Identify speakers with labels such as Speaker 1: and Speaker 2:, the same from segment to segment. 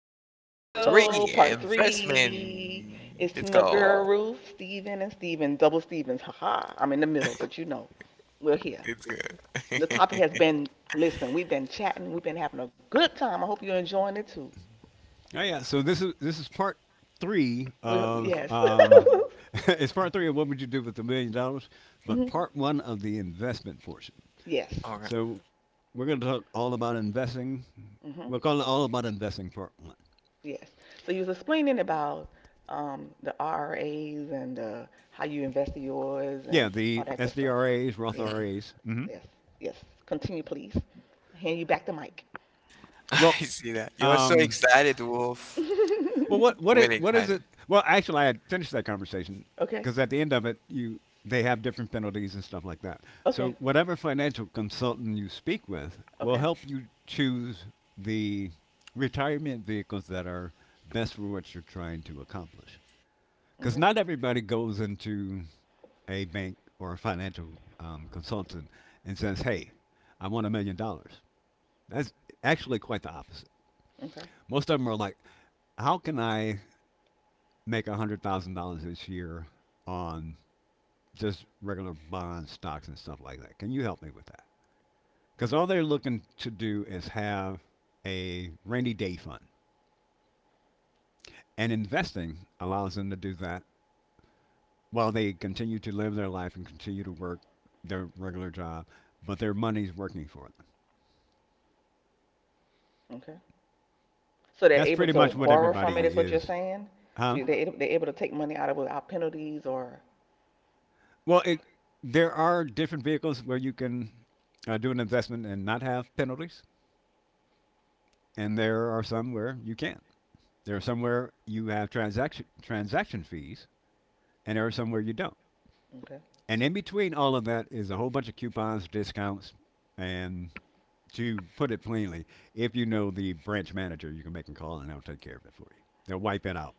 Speaker 1: Hello.
Speaker 2: Part
Speaker 3: Hello,
Speaker 2: three,
Speaker 3: part three.
Speaker 2: investment.
Speaker 3: It's
Speaker 2: Let's
Speaker 3: Team Your Girl
Speaker 2: go.
Speaker 3: Ruth, Steven, and Steven. Double Stevens. Haha. I'm in the middle, but we're here.
Speaker 2: Let's go.
Speaker 3: The topic has been. Listen, we've been chatting, we've been having a good time. I hope you're enjoying it too.
Speaker 1: Oh yeah. So this is part three of
Speaker 3: Yes.
Speaker 1: it's part three of what would you do with $1 million, but
Speaker 3: Mhm.
Speaker 1: part one of the investment portion.
Speaker 3: Yes.
Speaker 2: Okay.
Speaker 1: So we're going to talk all about investing.
Speaker 3: Hmm.
Speaker 1: We'll call it all about investing part one.
Speaker 3: Yes. So you was explaining about the RRAs and how you invested yours
Speaker 1: Yeah,
Speaker 3: and all
Speaker 1: the
Speaker 3: that good stuff.
Speaker 1: SDRAs, Roth
Speaker 3: Yes,
Speaker 2: hmm
Speaker 1: RAs.
Speaker 3: yes, yes. Continue, please. I hand you back the mic.
Speaker 1: Well,
Speaker 2: I see that. You're so
Speaker 1: um,
Speaker 2: excited, Wolf.
Speaker 1: Well,
Speaker 2: Really
Speaker 1: what is
Speaker 2: excited.
Speaker 1: it? Well, actually, I had finished that conversation
Speaker 3: Okay,
Speaker 1: because at the end of it, you they have different penalties and stuff like that. So
Speaker 3: okay,
Speaker 1: whatever financial consultant you speak with will
Speaker 3: okay,
Speaker 1: help you choose the retirement vehicles that are best for what you're trying to accomplish. Because
Speaker 3: okay,
Speaker 1: not everybody goes into a bank or a financial consultant and says, "Hey, I want $1 million." That's actually quite the opposite.
Speaker 3: okay,
Speaker 1: Most of them are like, "How can I make $100,000 this year on just regular bonds, stocks, and stuff like that. Can you help me with that?" Because all they're looking to do is have a rainy day fund. And investing allows them to do that while they continue to live their life and continue to work their regular job, but their money's working for them.
Speaker 3: okay. So they're
Speaker 1: That's
Speaker 3: able
Speaker 1: pretty
Speaker 3: to
Speaker 1: much what
Speaker 3: borrow from it, is
Speaker 1: everybody
Speaker 3: what you're
Speaker 1: is,
Speaker 3: saying? So
Speaker 1: huh?
Speaker 3: you- they're able, they're able to take money out of it without penalties or
Speaker 1: Well, it there are different vehicles where you can do an investment and not have penalties, and there are some where you can't. There are somewhere you have transaction fees, and there are somewhere you don't.
Speaker 3: okay,
Speaker 1: And in between all of that is a whole bunch of coupons, discounts, and to put it plainly, if you know the branch manager, you can make a call and they'll take care of it for you. They'll wipe it out.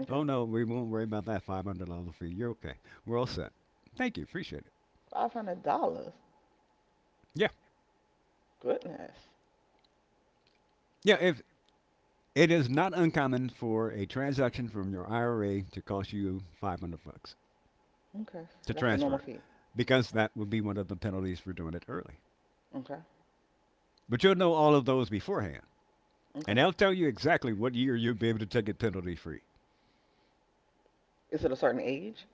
Speaker 3: okay.
Speaker 1: Oh no, we won't worry about that $500 fee. You're okay. We're all set. Thank you. Appreciate it.
Speaker 3: $500.
Speaker 1: Yeah,
Speaker 3: Goodness.
Speaker 1: yeah. If it is not uncommon for a transaction from your IRA to cost you 500 bucks
Speaker 3: Okay,
Speaker 1: to
Speaker 3: so that's the
Speaker 1: transfer
Speaker 3: normal
Speaker 1: it,
Speaker 3: fee.
Speaker 1: because that would be one of the penalties for doing it early.
Speaker 3: Okay,
Speaker 1: But you'll know all of those beforehand, and
Speaker 3: okay.
Speaker 1: they'll tell you exactly what year you'll be able to take it penalty free.
Speaker 3: Is it a certain age?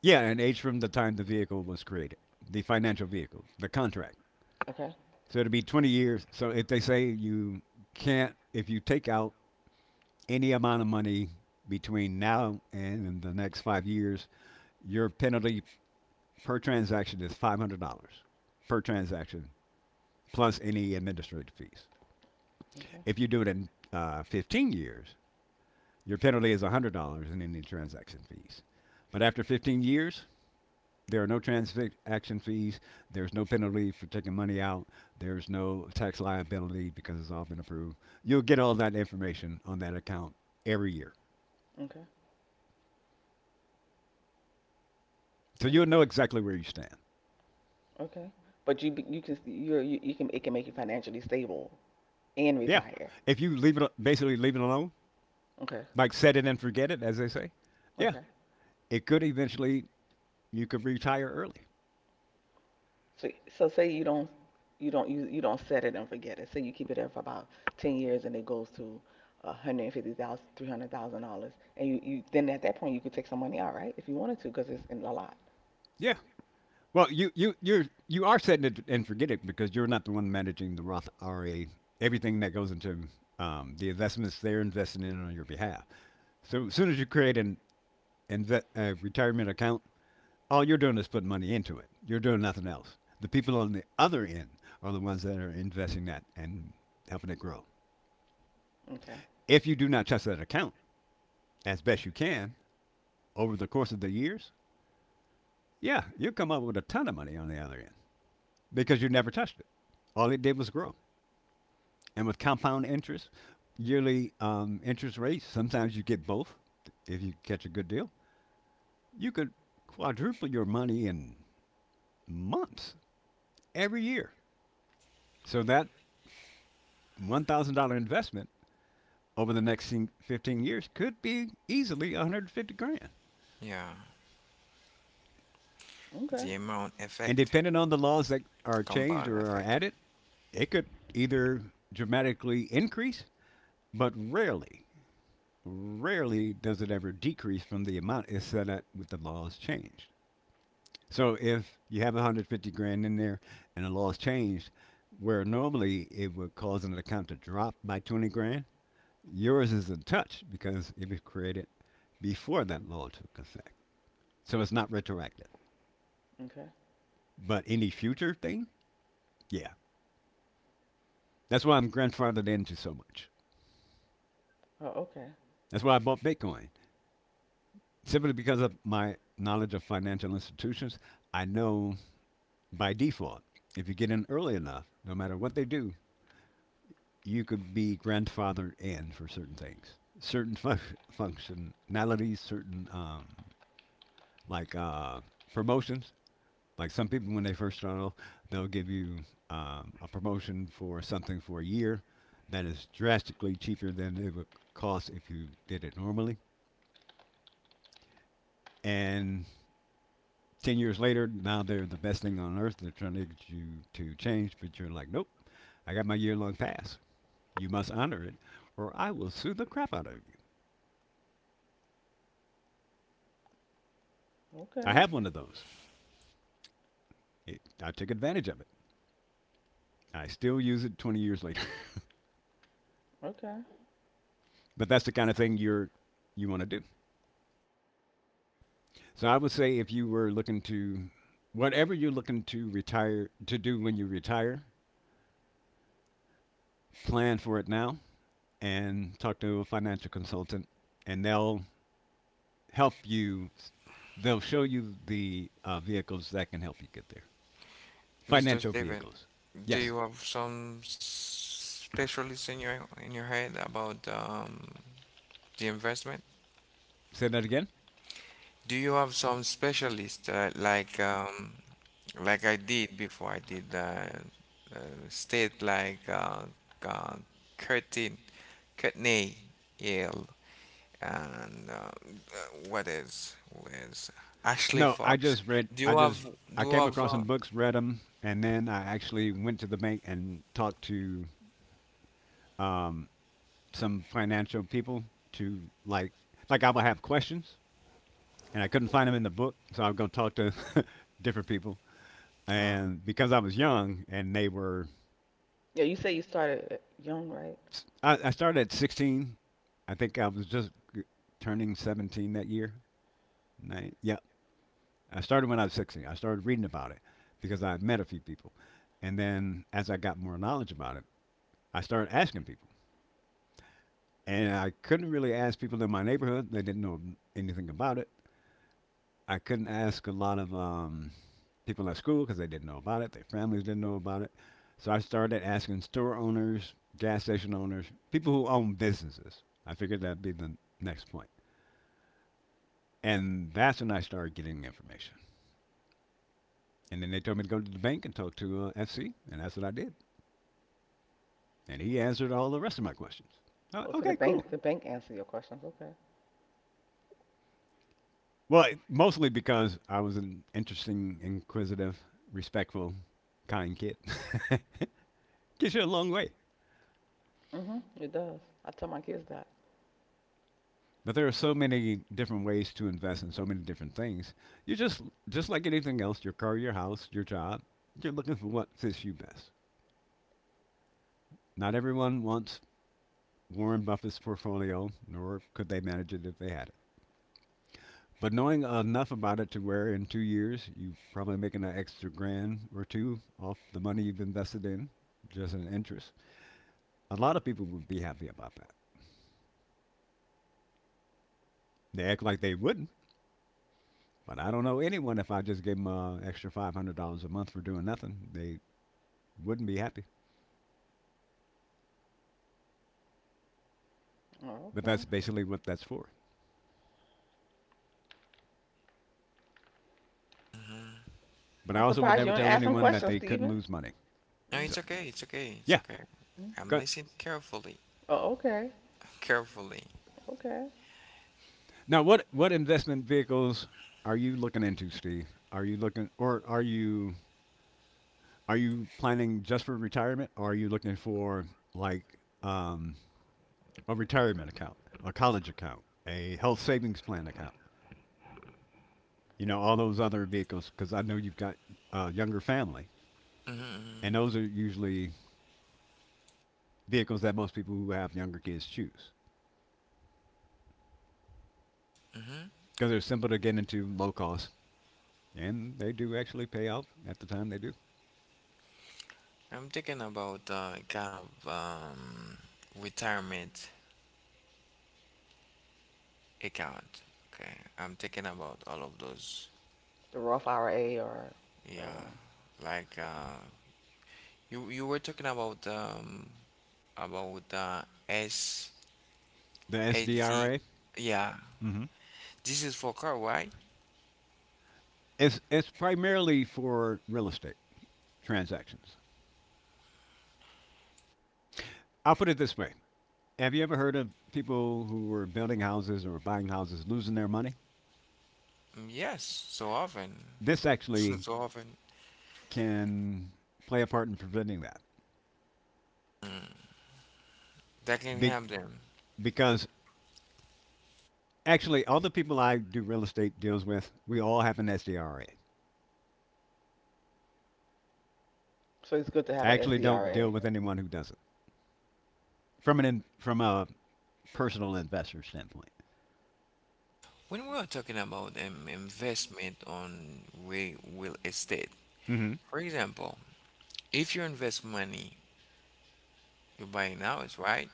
Speaker 1: Yeah, and age from the time the vehicle was created, the financial vehicle, the contract.
Speaker 3: Okay.
Speaker 1: So it'll be 20 years. So if they say you can't, if you take out any amount of money between now and in the next 5 years, your penalty per transaction is $500 per transaction, plus any administrative fees.
Speaker 3: Okay.
Speaker 1: If you do it in 15 years, your penalty is $100 in any transaction fees. But after 15 years, there are no transaction fees. There's no penalty for taking money out. There's no tax liability because it's all been approved. You'll get all that information on that account every year.
Speaker 3: Okay.
Speaker 1: So you'll
Speaker 3: Okay.
Speaker 1: know exactly where you stand.
Speaker 3: Okay. But you be- you can you're, you can it can make you financially stable and
Speaker 1: Yeah.
Speaker 3: retire.
Speaker 1: If you leave it, basically leave it alone,
Speaker 3: Okay.
Speaker 1: like set it and forget it, as they say, yeah,
Speaker 3: Okay.
Speaker 1: it could eventually, you could retire early.
Speaker 3: So so say you don't set it and forget it. Say you keep it there for about 10 years and it goes to 150,000, $300,000, and you then at that point you could take some money out, right? If you wanted to, because it's in a lot.
Speaker 1: Yeah. Well, you are setting it and forget it because you're not the one managing the Roth IRA. Everything that goes into the investments they're investing in on your behalf. So as soon as you create a retirement account, all you're doing is putting money into it. You're doing nothing else. The people on the other end are the ones that are investing that and helping it grow.
Speaker 3: Okay.
Speaker 1: If you do not touch that account as best you can over the course of the years, yeah, you'll come up with a ton of money on the other end because you never touched it. All it did was grow. And with compound interest, yearly interest rates, sometimes you get both if you catch a good deal. You could quadruple your money in months every year. So that $1,000 investment over the next 15 years could be easily 150 grand.
Speaker 2: Yeah,
Speaker 3: Okay.
Speaker 2: the amount
Speaker 1: And
Speaker 2: effect,
Speaker 1: depending on the laws that are changed
Speaker 2: compound
Speaker 1: or are
Speaker 2: effect.
Speaker 1: added, it could either dramatically increase, but rarely, rarely does it ever decrease from the amount it's set at with the laws changed. So if you have 150 grand in there and the law's changed, where normally it would cause an account to drop by 20 grand, yours isn't touched because it was created before that law took effect. So it's not retroactive.
Speaker 3: Okay.
Speaker 1: But any future thing, yeah. That's why I'm grandfathered into so much.
Speaker 3: Oh, okay.
Speaker 1: That's why I bought Bitcoin. Simply because of my knowledge of financial institutions, I know by default, if you get in early enough, no matter what they do, you could be grandfathered in for certain things, certain functionalities, certain like promotions. Like some people, when they first start off, they'll give you a promotion for something for a year that is drastically cheaper than it would cost if you did it normally. And 10 years later, now they're the best thing on earth. They're trying to get you to change, but you're like, nope, I got my year long pass. You must honor it, or I will sue the crap out of you. I
Speaker 3: Okay.
Speaker 1: have one of those. I took advantage of it. I still use it 20 years later.
Speaker 3: Okay.
Speaker 1: But that's the kind of thing you want to do. So I would say if you were looking to whatever you're looking to retire to do when you retire, plan for it now and talk to a financial consultant and help you they'll show you the vehicles that can help you get there.
Speaker 2: Mr.
Speaker 1: Financial
Speaker 2: Steven,
Speaker 1: vehicles.
Speaker 2: do
Speaker 1: Yes.
Speaker 2: you have some specialist in your head about the investment?
Speaker 1: Say that again.
Speaker 2: Do you have some specialist like I did before I did uh, state like uh, curtain, Courtney Yale and what is was Ashley
Speaker 1: No, I
Speaker 2: Fox.
Speaker 1: just read.
Speaker 2: Do you have
Speaker 1: I
Speaker 2: do you
Speaker 1: came
Speaker 2: have
Speaker 1: across some
Speaker 2: uh,
Speaker 1: books, read them, and then I actually went to the bank and talked to um, some financial people to like I would have questions, and I couldn't find them in the book, so I would go talk to different people. And because I was young, and they were,
Speaker 3: Yeah, you say you started young, right?
Speaker 1: I started at 16. I think I was just turning 17 that year. Yeah, I started when I was 16. I started reading about it because I had met a few people. And then as I got more knowledge about it, I started asking people. And I couldn't really ask people in my neighborhood, they didn't know anything about it. I couldn't ask a lot of people at school because they didn't know about it, their families didn't know about it. So I started asking store owners, gas station owners, people who own businesses. I figured that'd be the next point. And that's when I started getting information. And then they told me to go to the bank and talk to FC, and that's what I did. And he answered all the rest of my questions.
Speaker 3: Oh, so the
Speaker 1: Okay, cool.
Speaker 3: bank, the bank answer your questions. Okay.
Speaker 1: Well, mostly because I was an interesting, inquisitive, respectful, kind kid. Gets you a long way.
Speaker 3: Mhm. It does. I tell my kids that.
Speaker 1: But there are so many different ways to invest in so many different things. You just like anything else, your car, your house, your job, you're looking for what fits you best. Not everyone wants Warren Buffett's portfolio, nor could they manage it if they had it. But knowing enough about it to where in 2 years you're probably making an extra grand or two off the money you've invested in, just in interest. A lot of people would be happy about that. They act like they wouldn't, but I don't know anyone if I just gave them an extra $500 a month for doing nothing, they wouldn't be happy.
Speaker 3: Oh,
Speaker 1: But
Speaker 3: okay.
Speaker 1: that's basically what that's for.
Speaker 2: mhm.
Speaker 1: But I
Speaker 3: I'm
Speaker 1: also would
Speaker 3: surprised
Speaker 1: never
Speaker 3: you ain't
Speaker 1: tell
Speaker 3: asking
Speaker 1: anyone that
Speaker 3: questions,
Speaker 1: they couldn't
Speaker 3: Stephen.
Speaker 1: lose money.
Speaker 2: No,
Speaker 3: Mm-hmm.
Speaker 1: So,
Speaker 2: it's okay, it's okay, it's
Speaker 1: yeah.
Speaker 2: okay.
Speaker 1: Go
Speaker 2: I'm
Speaker 1: ahead.
Speaker 2: listening carefully,
Speaker 3: Oh, okay.
Speaker 2: carefully.
Speaker 3: Okay.
Speaker 1: Now, what investment vehicles are you looking into, Steve? Are you looking, or are you planning just for retirement, or are you looking for like a retirement account, a college account, a health savings plan account? You know, all those other vehicles, because I know you've got a younger family,
Speaker 2: Mm-hmm, mm-hmm.
Speaker 1: and those are usually vehicles that most people who have younger kids choose
Speaker 2: Mm-hmm.
Speaker 1: because they're simple to get into, low cost, and they do actually pay out at the time they do.
Speaker 2: I'm thinking about kind of retirement account. Okay, I'm thinking about all of those.
Speaker 3: The Roth IRA or the other
Speaker 2: Yeah,
Speaker 3: one.
Speaker 2: like you you were talking about S
Speaker 1: The
Speaker 2: S D.
Speaker 1: SDRA,
Speaker 2: Yeah,
Speaker 1: hmm
Speaker 2: this is for car, right?
Speaker 1: it's primarily for real estate transactions. I'll put it this way: Have you ever heard of people who were building houses or buying houses losing their money?
Speaker 2: Yes, so often,
Speaker 1: This actually
Speaker 2: so often
Speaker 1: can play a part in preventing that.
Speaker 2: mm, that can
Speaker 1: Be-
Speaker 2: help them.
Speaker 1: because actually, all the people I do real estate deals with, we all have an SDRA.
Speaker 3: So it's good to
Speaker 1: I
Speaker 3: have an
Speaker 1: actually don't deal
Speaker 3: SDRA.
Speaker 1: with anyone who doesn't from a personal investor standpoint.
Speaker 2: When we are talking about investment on real estate,
Speaker 1: hmm
Speaker 2: for example, if you invest money, you buy an house, right?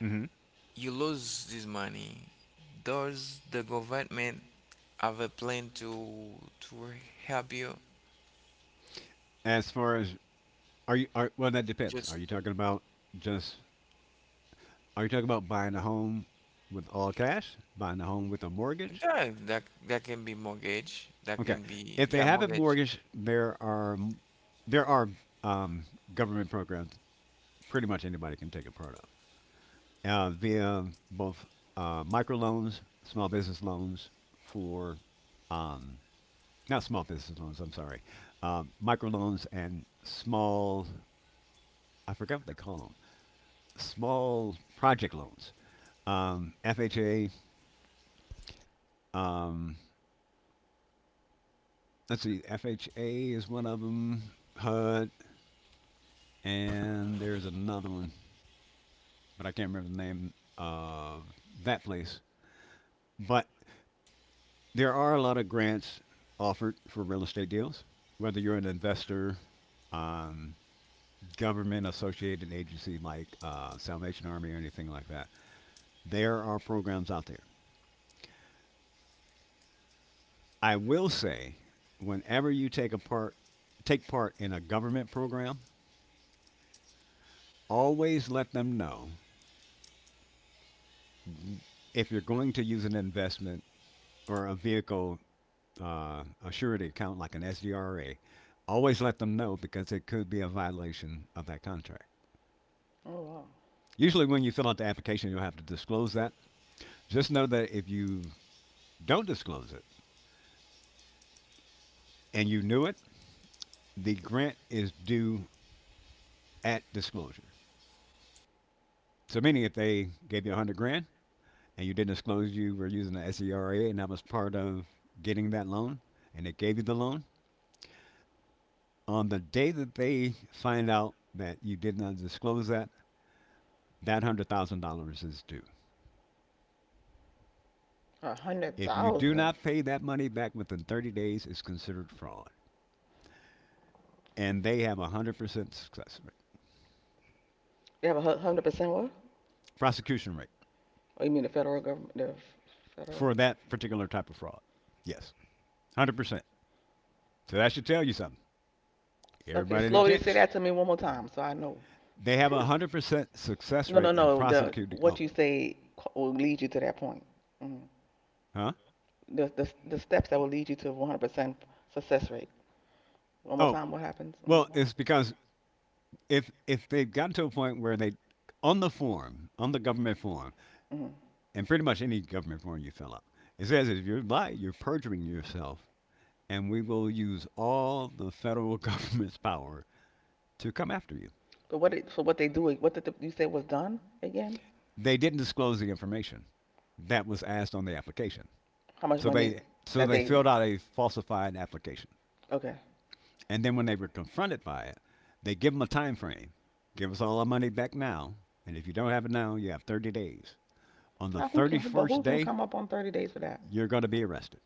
Speaker 1: hmm
Speaker 2: You lose this money. Does the government have a plan to help you
Speaker 1: As far as are you are well, that depends.
Speaker 2: just
Speaker 1: Just are you talking about buying a home with all cash, buying a home with a mortgage.
Speaker 2: that can be mortgage, that
Speaker 1: Okay.
Speaker 2: can be,
Speaker 1: If
Speaker 2: yeah,
Speaker 1: they have a
Speaker 2: mortgage.
Speaker 1: mortgage, there are there are um, government programs pretty much anybody can take a part of via both microloans, small business loans for um, not small business loans. I'm sorry, microloans and small I forgot what they call them small project loans. FHA. Um, let's see, FHA is one of them. HUD, and there's another one, but I can't remember the name of that place. But there are a lot of grants offered for real estate deals, whether you're an investor, um, government associated agency like Salvation Army or anything like that. There are programs out there. I will say, whenever you take a part, take part in a government program, always let them know if you're going to use an investment or a vehicle, a surety account like an SDRA. Always let them know because it could be a violation of that contract.
Speaker 3: Oh wow.
Speaker 1: Usually, when you fill out the application, you'll have to disclose that. Just know that if you don't disclose it and you knew it, the grant is due at disclosure. So, meaning if they gave you 100 grand and you didn't disclose you were using the SDRA and that was part of getting that loan, and they gave you the loan, on the day that they find out that you did not disclose that, that $100,000 is due.
Speaker 3: A hundred
Speaker 1: If you do
Speaker 3: thousand.
Speaker 1: not pay that money back within 30 days, it's considered fraud. And they have a 100% success rate,
Speaker 3: You have a 100% what?
Speaker 1: prosecution rate
Speaker 3: Oh, you mean the federal government? Federal.
Speaker 1: for that particular type of fraud. Yes, 100%. So that should tell you something.
Speaker 3: Okay.
Speaker 1: Everybody that
Speaker 3: Slowly say
Speaker 1: gets,
Speaker 3: that to me one more time, so I know.
Speaker 1: they have a 100% success
Speaker 3: No, no,
Speaker 1: rate in
Speaker 3: no. The
Speaker 1: prosecuting.
Speaker 3: what
Speaker 1: Oh,
Speaker 3: you say co- will lead you to that point. Mhm.
Speaker 1: huh?
Speaker 3: The steps that will lead you to 100% success rate. One more
Speaker 1: Oh,
Speaker 3: time, what happens? Mm,
Speaker 1: well, it's because if they've gotten to a point where they, on the form, on the government form,
Speaker 3: mm.
Speaker 1: and pretty much any government form you fill up, it says if you lie, you're perjuring yourself and we will use all the federal government's power to come after you.
Speaker 3: So what they do? You say was done again?
Speaker 1: They didn't disclose the information that was asked on the application.
Speaker 3: How much
Speaker 1: So
Speaker 3: money
Speaker 1: they so
Speaker 3: that
Speaker 1: they
Speaker 3: they?
Speaker 1: filled out a falsified application.
Speaker 3: Okay.
Speaker 1: And then when they were confronted by it, they give them a time frame. Give us all our money back now, and if you don't have it now, you have 30 days. On the
Speaker 3: How, who can who, but who
Speaker 1: 31st
Speaker 3: can
Speaker 1: day,
Speaker 3: come up on 30 days for that?
Speaker 1: you're going to be arrested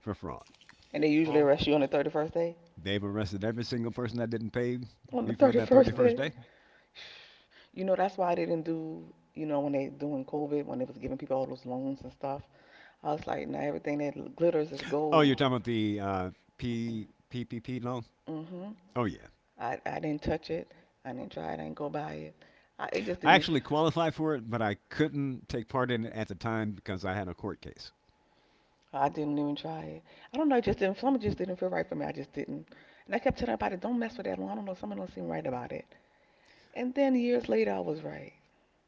Speaker 1: for fraud.
Speaker 3: And they usually
Speaker 2: Oh.
Speaker 3: arrest you on the 31st day.
Speaker 1: They've arrested every single person that didn't pay
Speaker 3: On the
Speaker 1: before that
Speaker 3: 31st
Speaker 1: 31st
Speaker 3: day.
Speaker 1: day.
Speaker 3: You know that's why they didn't do. You know when they doing COVID when they was giving people all those loans and stuff. I was like, now everything that glitters is
Speaker 1: Oh, you're
Speaker 3: gold.
Speaker 1: talking about the P, P P loan?
Speaker 3: hmm
Speaker 1: Oh, yeah.
Speaker 3: I didn't touch it. I didn't try it. I didn't go by it. It just
Speaker 1: I
Speaker 3: didn't.
Speaker 1: actually qualified for it, but I couldn't take part in it at the time because I had a court case.
Speaker 3: I didn't even try it. I don't know. It just didn't. Something just didn't feel right for me. I just didn't. And I kept telling everybody, don't mess with that one. I don't know. Something don't seem right about it. And then years later, I was right.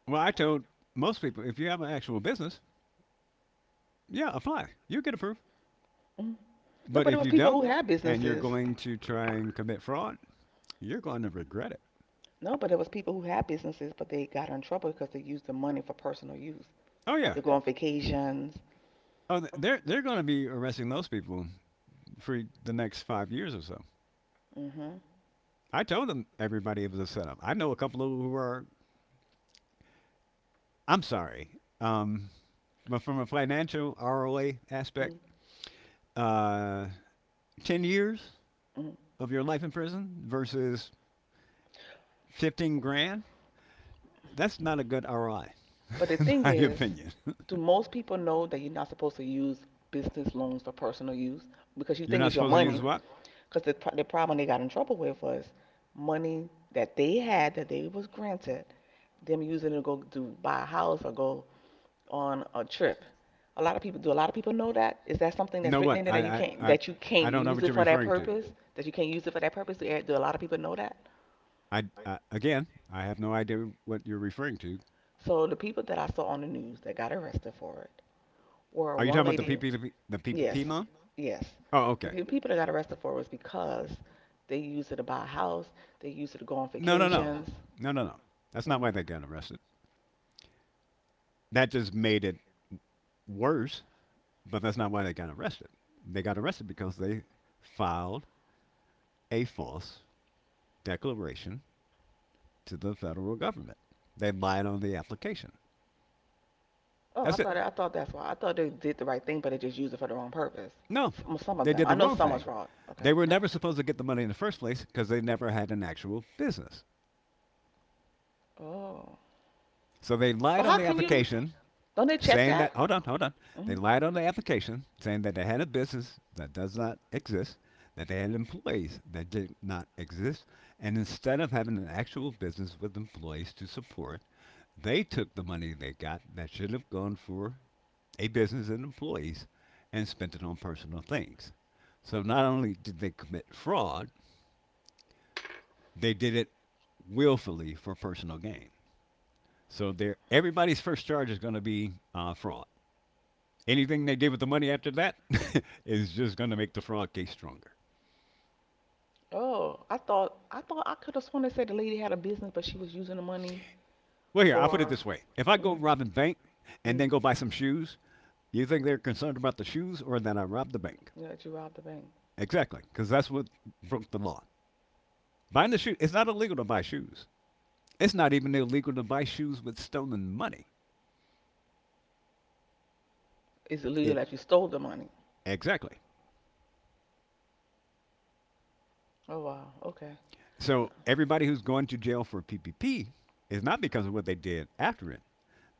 Speaker 1: Well, I told most people if you have an actual business, yeah, apply. You get approved.
Speaker 3: Mm. No,
Speaker 1: But
Speaker 3: but it
Speaker 1: if
Speaker 3: was
Speaker 1: you
Speaker 3: people
Speaker 1: don't
Speaker 3: who had
Speaker 1: and you're
Speaker 3: businesses.
Speaker 1: going to try and commit fraud, you're going to regret it.
Speaker 3: No, but it was people who had businesses, but they got in trouble because they used the money for personal use,
Speaker 1: Oh
Speaker 3: like
Speaker 1: yeah.
Speaker 3: to go on vacations.
Speaker 1: Oh, they're going to be arresting those people for the next 5 years or so.
Speaker 3: Mm-hmm.
Speaker 1: I told them everybody it was a setup. I know a couple of who are I'm sorry. Um but from a financial ROA aspect,
Speaker 3: Mm-hmm.
Speaker 1: uh 10 years of your life in prison versus 15 grand, that's not a good ROI,
Speaker 3: But the
Speaker 1: in
Speaker 3: thing
Speaker 1: my
Speaker 3: is,
Speaker 1: opinion.
Speaker 3: do most people know that you're not supposed to use business loans for personal use because you
Speaker 1: You're
Speaker 3: think
Speaker 1: not
Speaker 3: it's your
Speaker 1: supposed to
Speaker 3: money?
Speaker 1: use what?
Speaker 3: Because the problem they got in trouble with was money that they had that they was granted, them using it to go to buy a house or go on a trip. A lot of people do. A lot of people know that. Is that something that's
Speaker 1: No,
Speaker 3: written
Speaker 1: what?
Speaker 3: in there that you can't that you can't
Speaker 1: I don't know
Speaker 3: use
Speaker 1: what
Speaker 3: it
Speaker 1: you're
Speaker 3: for that
Speaker 1: referring to.
Speaker 3: purpose? That you can't use it for that purpose? Do a lot of people know that?
Speaker 1: I again, I have no idea what you're referring to.
Speaker 3: So the people that I saw on the news that got arrested for it or
Speaker 1: Are you talking
Speaker 3: one
Speaker 1: about the
Speaker 3: lady,
Speaker 1: PPP, the PPP
Speaker 3: yes,
Speaker 1: loan?
Speaker 3: yes,
Speaker 1: Oh,
Speaker 3: the
Speaker 1: okay.
Speaker 3: people that got arrested for it was because they used it to buy a house, they used it to go on
Speaker 1: No, no, no,
Speaker 3: vacations.
Speaker 1: no, no, no. That's
Speaker 3: Oh.
Speaker 1: not
Speaker 3: Mhm.
Speaker 1: why they got arrested. That just made it worse. But that's not why they got arrested. They got arrested because they filed a false declaration to the federal government. They lied on the application.
Speaker 3: Oh, I
Speaker 1: That's it.
Speaker 3: thought I thought that's why. I thought they did the right thing, but they just used it for the wrong purpose.
Speaker 1: No,
Speaker 3: Some of
Speaker 1: they
Speaker 3: them.
Speaker 1: did
Speaker 3: I
Speaker 1: the
Speaker 3: know
Speaker 1: wrong
Speaker 3: some was
Speaker 1: thing.
Speaker 3: fraud. Okay.
Speaker 1: They were never supposed to get the money in the first place because they never had an actual business.
Speaker 3: Oh,
Speaker 1: So they
Speaker 3: but
Speaker 1: lied on
Speaker 3: how
Speaker 1: the
Speaker 3: can no you?
Speaker 1: application,
Speaker 3: Don't they check,
Speaker 1: saying
Speaker 3: yeah, that?
Speaker 1: that, hold on, hold on.
Speaker 3: hmm
Speaker 1: They lied on the application, saying that they had a business that does not exist, that they had employees that did not exist, and instead of having an actual business with employees to support, they took the money they got that should have gone for a business and employees and spent it on personal things. So not only did they commit fraud, they did it willfully for personal gain. So there, everybody's first charge is going to be fraud. Anything they did with the money after that is just going to make the fraud case stronger.
Speaker 3: Oh, I thought I could have sworn they said the lady had a business, but she was using the money. Oh
Speaker 1: Well,
Speaker 3: yeah,
Speaker 1: here,
Speaker 3: for.
Speaker 1: I'll put it
Speaker 3: Know it.
Speaker 1: this way: if I go
Speaker 3: Mm,
Speaker 1: rob a bank and
Speaker 3: mm.
Speaker 1: then go buy some shoes, you think they're concerned about the shoes or that I robbed the bank?
Speaker 3: Yeah, yeah, she robbed the bank.
Speaker 1: Exactly, because that's what broke the law. Buying the shoe, it's not illegal to buy shoes. It's not even illegal to buy shoes with stolen money.
Speaker 3: It's illegal
Speaker 1: It
Speaker 3: that you stole the money.
Speaker 1: exactly.
Speaker 3: Oh wow. Okay.
Speaker 1: So everybody who's going to jail for PPP is not because of what they did after it.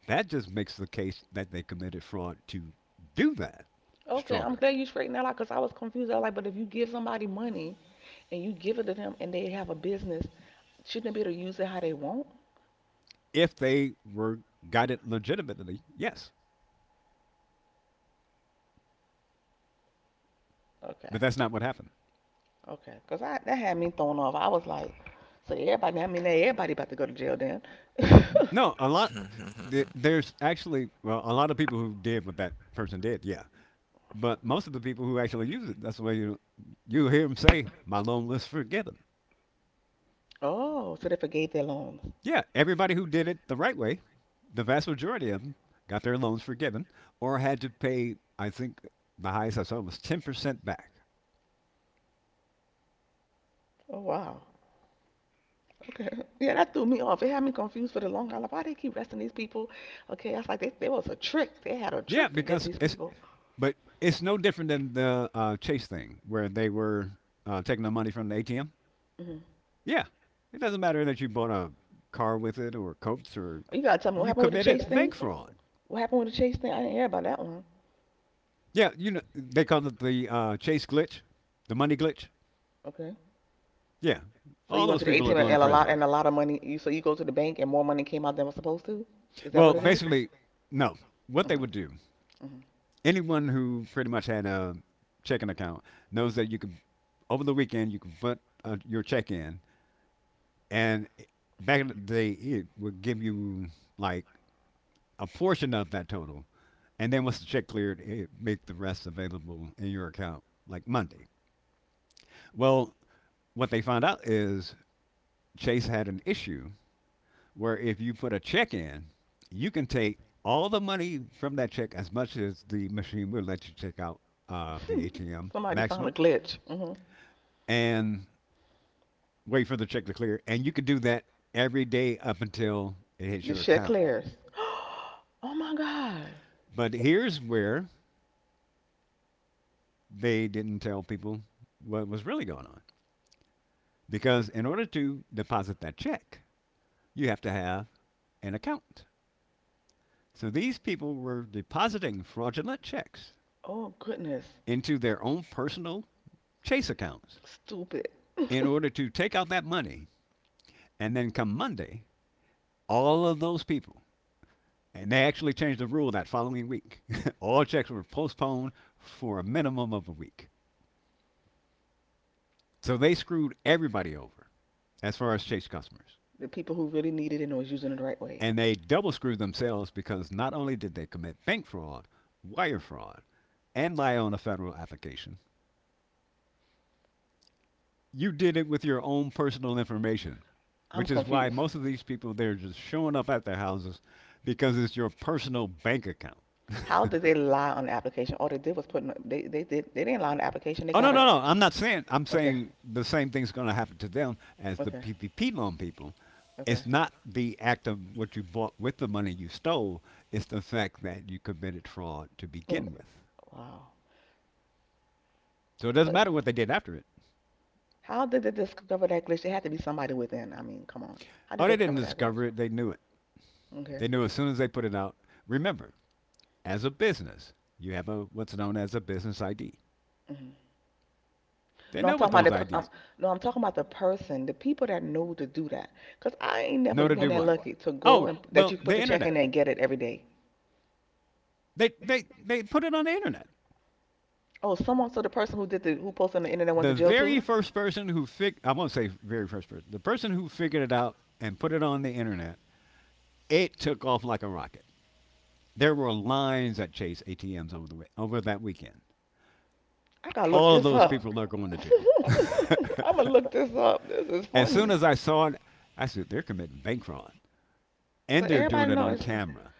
Speaker 1: That just makes the case that they committed fraud to do that
Speaker 3: Okay, I'm
Speaker 1: stronger.
Speaker 3: glad you straightened that out because I was confused. I was like, but if you give somebody money and you give it to them and they have a business, shouldn't they be able to use it how they want?
Speaker 1: If they were got it legitimately, yes,
Speaker 3: Okay,
Speaker 1: but that's not what happened.
Speaker 3: okay, because I that had me thrown off. I was like, so everybody, I mean, everybody about to go to jail then.
Speaker 1: No, a lot.
Speaker 2: Yeah,
Speaker 1: There's actually, well, a lot of people who did what that person did. Yeah, but most of the people who actually use it, that's the way you hear them say, "My loan was forgiven."
Speaker 3: Oh, so they forgave their loans.
Speaker 1: Yeah, everybody who did it the right way, the vast majority of them got their loans forgiven or had to pay. I think the highest I saw was 10% back.
Speaker 3: Oh wow. Okay. Yeah, that threw me off. It had me confused for the long haul. Like, why they keep arresting these people? Okay, I was like, there was a trick. They had a
Speaker 1: Yeah,
Speaker 3: trick to get
Speaker 1: because
Speaker 3: these
Speaker 1: it's
Speaker 3: people.
Speaker 1: but it's no different than the Chase thing where they were taking the money from the ATM.
Speaker 3: hmm
Speaker 1: Yeah, it doesn't matter that you bought a car with it or coats, or
Speaker 3: You gotta tell me what
Speaker 1: you
Speaker 3: happened with the
Speaker 1: committed
Speaker 3: chase
Speaker 1: bank
Speaker 3: thing.
Speaker 1: fraud.
Speaker 3: What happened with the chase thing? I didn't hear about that one.
Speaker 1: Yeah, you know they call it the Chase glitch, the money glitch.
Speaker 3: Okay.
Speaker 1: Yeah,
Speaker 3: So you
Speaker 1: all
Speaker 3: went
Speaker 1: those
Speaker 3: to the
Speaker 1: people are
Speaker 3: ATM
Speaker 1: going to prison.
Speaker 3: and a lot of money. You go to the bank and more money came out than was supposed to.
Speaker 1: To.
Speaker 3: Is that
Speaker 1: Well,
Speaker 3: what it is?
Speaker 1: basically, no. What they
Speaker 3: Mhm.
Speaker 1: would do,
Speaker 3: Mhm.
Speaker 1: anyone who pretty much had a checking account knows that you could, over the weekend, you could put your check in, and back in the day, it would give you like a portion of that total, and then once the check cleared, it make the rest available in your account like Monday. Well, what they found out is Chase had an issue where if you put a check in, you can take all the money from that check as much as the machine will let you take out, the ATM
Speaker 3: Somebody found a
Speaker 1: maximum,
Speaker 3: glitch. Mhm.
Speaker 1: and wait for the check to clear. And you could do that every day up until it hits
Speaker 3: The
Speaker 1: your
Speaker 3: check
Speaker 1: account.
Speaker 3: clears. Oh my god.
Speaker 1: But here's where they didn't tell people what was really going on. Because in order to deposit that check, you have to have an account. So these people were depositing fraudulent checks
Speaker 3: Oh goodness.
Speaker 1: into their own personal Chase accounts
Speaker 3: Stupid.
Speaker 1: in order to take out that money. And then come Monday, all of those people, and they actually changed the rule that following week, all checks were postponed for a minimum of a week. So they screwed everybody over as far as Chase customers.
Speaker 3: The people who really needed it and was using it the right way.
Speaker 1: And they double screwed themselves because not only did they commit bank fraud, wire fraud, and lie on a federal application, you did it with your own personal information,
Speaker 3: I'm
Speaker 1: which is why
Speaker 3: confused.
Speaker 1: most of these people they're just showing up at their houses because it's your personal bank account.
Speaker 3: How did they lie on the application? All they did was put in, they didn't lie on the application. They
Speaker 1: Oh no,
Speaker 3: got
Speaker 1: no,
Speaker 3: a
Speaker 1: no! I'm not saying I'm
Speaker 3: Okay,
Speaker 1: saying the same thing's going to happen to them as the
Speaker 3: okay,
Speaker 1: PPP loan people.
Speaker 3: okay.
Speaker 1: It's not the act of what you bought with the money you stole. It's the fact that you committed fraud to
Speaker 3: And
Speaker 1: begin with.
Speaker 3: wow.
Speaker 1: So it doesn't
Speaker 3: So
Speaker 1: matter what they did after it.
Speaker 3: how did they discover that glitch? It had to be somebody within. I mean, come on. How did
Speaker 1: Oh,
Speaker 3: they
Speaker 1: they
Speaker 3: discover
Speaker 1: didn't
Speaker 3: that glitch?
Speaker 1: discover it. They knew it.
Speaker 3: Okay.
Speaker 1: They knew as soon as they put it out. Remember, as a business, you have a what's known as a business ID.
Speaker 3: hmm No,
Speaker 1: They
Speaker 3: I'm talking
Speaker 1: know
Speaker 3: about
Speaker 1: what
Speaker 3: the.
Speaker 1: those
Speaker 3: Per-
Speaker 1: IDs
Speaker 3: um, no, I'm talking about the person, the people that know to do that. Cause I ain't never
Speaker 1: know to
Speaker 3: been
Speaker 1: do
Speaker 3: that
Speaker 1: what.
Speaker 3: lucky to go
Speaker 1: Oh,
Speaker 3: and that
Speaker 1: well,
Speaker 3: you put
Speaker 1: the
Speaker 3: the check in
Speaker 1: internet.
Speaker 3: there and get it every day.
Speaker 1: They put it on the internet.
Speaker 3: Oh, someone. So the person who posted on the internet went
Speaker 1: The
Speaker 3: to jail
Speaker 1: very
Speaker 3: too.
Speaker 1: first person who fig I won't say very first person. The person who figured it out and put it on the internet, it took off like a rocket. There were lines at Chase ATMs over that weekend.
Speaker 3: I gotta look
Speaker 1: All of
Speaker 3: this
Speaker 1: those
Speaker 3: up.
Speaker 1: people are going to jail.
Speaker 3: I'm gonna look this up. This is
Speaker 1: As soon
Speaker 3: funny.
Speaker 1: as I saw it, I said they're committing bank fraud and
Speaker 3: But
Speaker 1: they're doing
Speaker 3: everybody
Speaker 1: it on
Speaker 3: knows.
Speaker 1: camera,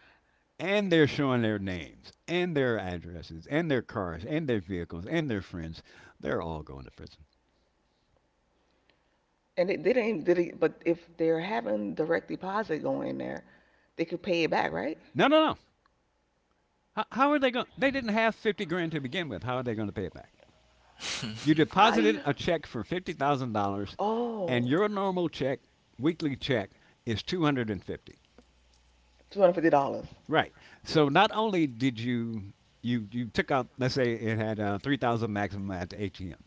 Speaker 1: and they're showing their names and their addresses and their cars and their vehicles and their friends. They're all going to prison.
Speaker 3: And it didn't even, did it, but if they're having direct deposit going in there, they could pay it back, right?
Speaker 1: No, no, no. How are they going? They didn't have 50 grand to begin with. How are they going to pay it back? You deposited
Speaker 3: I,
Speaker 1: a check for $50,000 and
Speaker 3: oh,
Speaker 1: your normal check, weekly check is 250.
Speaker 3: $250.
Speaker 1: Right. So not only did you took out, let's say it had 3000 maximum at the ATM,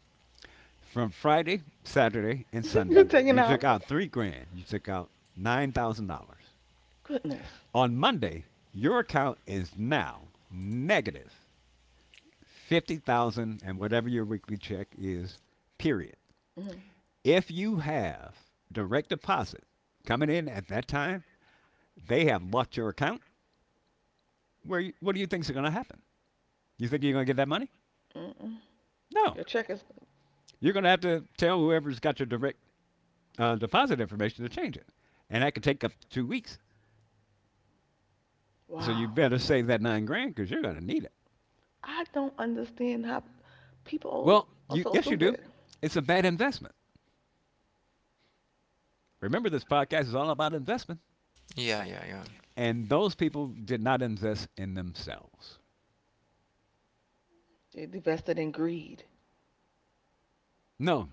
Speaker 1: from Friday, Saturday, and
Speaker 3: You're
Speaker 1: Sunday.
Speaker 3: taking
Speaker 1: You
Speaker 3: out,
Speaker 1: took out 3 grand. You took out $9,000.
Speaker 3: goodness.
Speaker 1: On Monday, your account is now negative 50,000 and whatever your weekly check is. Period.
Speaker 3: Mm,
Speaker 1: If you have direct deposit coming in at that time, they have locked your account. What do you think is going to happen? You think you're going to get that money?
Speaker 3: mm-mm.
Speaker 1: No.
Speaker 3: Your check is,
Speaker 1: You're going to have to tell whoever's got your direct deposit information to change it, and that could take up to 2 weeks. So you
Speaker 3: wow.
Speaker 1: better save that 9 grand because you're going to need it.
Speaker 3: I don't understand how people
Speaker 1: Well,
Speaker 3: are so
Speaker 1: yes, you do.
Speaker 3: stupid.
Speaker 1: It's a bad investment. Remember, this podcast is all about investment.
Speaker 2: yeah, yeah.
Speaker 1: And those people did not invest in themselves.
Speaker 3: They invested in greed.
Speaker 1: No,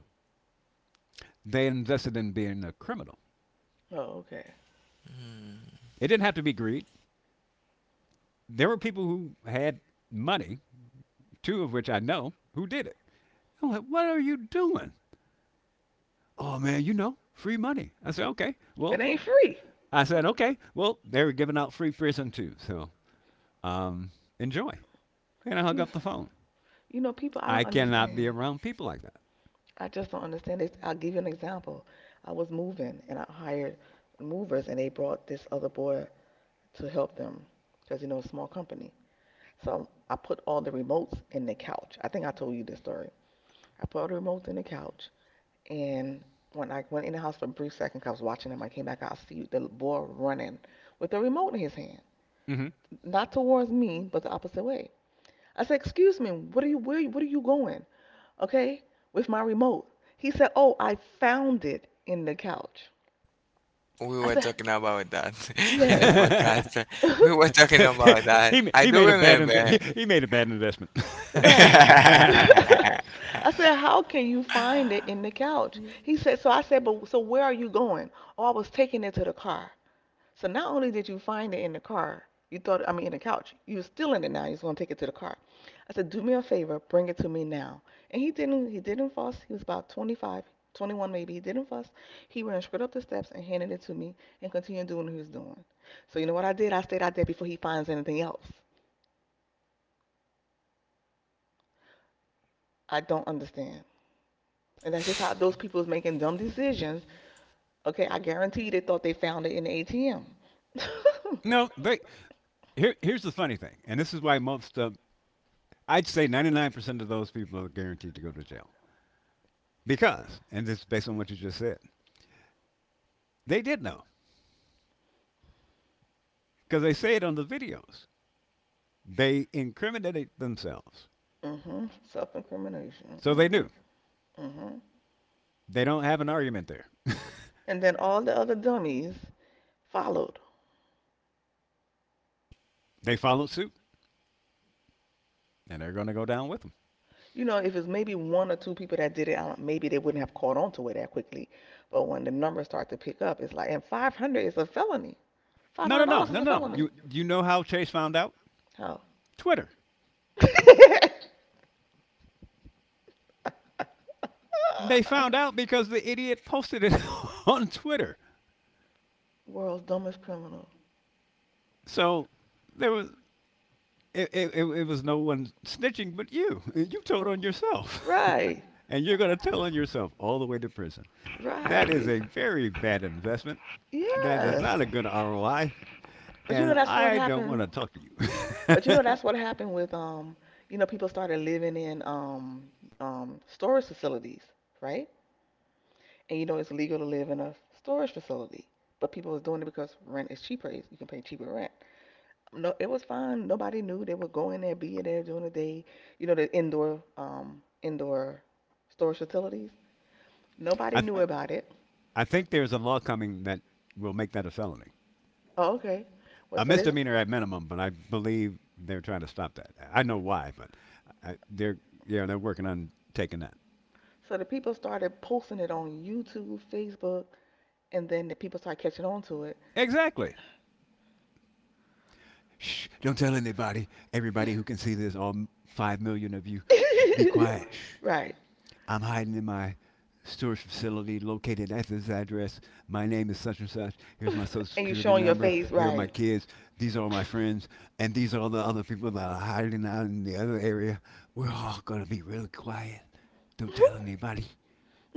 Speaker 1: they invested in being a criminal.
Speaker 3: Oh, okay.
Speaker 2: Hmm.
Speaker 1: It didn't have to be greed. There were people who had money, two of which I know, who did it. I'm like, what are you doing? Oh, man, free money. I said, okay.
Speaker 3: It
Speaker 1: Well,
Speaker 3: ain't free.
Speaker 1: I said, okay. Well, they were giving out free prison too. So um, enjoy. And I hung
Speaker 3: You,
Speaker 1: up the phone.
Speaker 3: you know, people, I
Speaker 1: I
Speaker 3: don't
Speaker 1: cannot be
Speaker 3: understand.
Speaker 1: around people like
Speaker 3: I just don't understand this. I'll give you an example. I was moving and I hired movers and they brought this other boy to help them because it's a small company. So I put all the remotes in the couch. I think I told you this story. I put all the remotes in the couch, and when I went in the house for a brief second, cause I was watching him. I came back out, I see the boy running with the remote in his hand,
Speaker 1: that. Hmm.
Speaker 3: not towards me, but the opposite way. I said, "Excuse me, what are you? Where? What are you going? Okay, with my remote." He said, "Oh, I found it in the couch."
Speaker 2: We
Speaker 3: I
Speaker 2: were
Speaker 3: said,
Speaker 2: talking about that, in the
Speaker 3: yes.
Speaker 2: podcast, we were talking about that,
Speaker 1: he
Speaker 2: I
Speaker 1: he
Speaker 2: do
Speaker 1: made a bad inve- he,
Speaker 2: remember.
Speaker 1: he made a bad investment.
Speaker 3: Right.
Speaker 2: I
Speaker 3: I said, how can you find it in the couch? He said, so I said, but so where are you going? Oh, I was taking it to the car. So not only did you find it in the car, you thought, I mean, in the couch, you were stealing it now. You was gonna take it to the car. I said, do me a favor, bring it to me now. And he didn't. He didn't fuss. He was about 25, 21 maybe. He didn't fuss. He ran straight up the steps and handed it to me and continued doing what he was doing. So you know what I did? I stayed out there before he finds anything else. I don't understand. And that's just how those people is making dumb decisions. Okay, I guarantee they thought they found it in the ATM. Mm.
Speaker 1: No, they here here's the funny thing, and this is why most of I'd say 99% of those people are guaranteed to go to jail because, and this is based on what you just said, they did know because they say it on the videos. They incriminated themselves,
Speaker 3: Mhm. Self incrimination.
Speaker 1: so they knew.
Speaker 3: Mhm. Mhm.
Speaker 1: They don't have an argument there.
Speaker 3: And then all the other dummies followed.
Speaker 1: They followed suit, and they're going to go down with them.
Speaker 3: You know, if it's maybe one or two people that did it, I don't, maybe they wouldn't have caught on to it that quickly. But when the numbers start to pick up, it's like, and 500 is a felony.
Speaker 1: No, no, no,
Speaker 3: $500 is
Speaker 1: no,
Speaker 3: a
Speaker 1: no.
Speaker 3: felony.
Speaker 1: You know how Chase found out?
Speaker 3: How?
Speaker 1: Twitter.
Speaker 3: Oh.
Speaker 1: They found out because the idiot posted it on Twitter.
Speaker 3: World's dumbest criminal.
Speaker 1: So there was it, it, it it was no one snitching but you. You told on yourself.
Speaker 3: Right,
Speaker 1: And you're going to tell on yourself all the way to prison. That
Speaker 3: right.
Speaker 1: is a very bad investment. That is
Speaker 3: Yes.
Speaker 1: not a good ROI,
Speaker 3: But
Speaker 1: and
Speaker 3: that's what
Speaker 1: I don't
Speaker 3: happened.
Speaker 1: want to talk to
Speaker 3: But
Speaker 1: you.
Speaker 3: that's what happened with people started living in storage facilities, right? And you know it's legal to live in a storage facility, but people was doing it because rent is cheaper. You can pay cheaper rent. No, it was fine. Nobody knew they were going there, being there during the day. You know the indoor storage facilities. Nobody
Speaker 1: I
Speaker 3: knew about it.
Speaker 1: I think there's a law coming that will make that a felony.
Speaker 3: Oh, okay. Well,
Speaker 1: A misdemeanor at minimum, but I believe they're trying to stop that. I know why, but I, they're yeah, they're working on taking that.
Speaker 3: so the people started posting it on YouTube, Facebook, and then the people started catching on to it.
Speaker 1: Exactly. Shh! Don't tell anybody. Everybody who can see this, all 5 million of you, shh, be quiet. Shh.
Speaker 3: Right.
Speaker 1: I'm hiding in my storage facility located at this address. My name is such and such. Here's my social
Speaker 3: And you
Speaker 1: security
Speaker 3: showing your
Speaker 1: number.
Speaker 3: face,
Speaker 1: Here are
Speaker 3: right.
Speaker 1: my kids. These are all my friends, and these are all the other people that are hiding out in the other area. We're all gonna be really quiet. Don't tell anybody.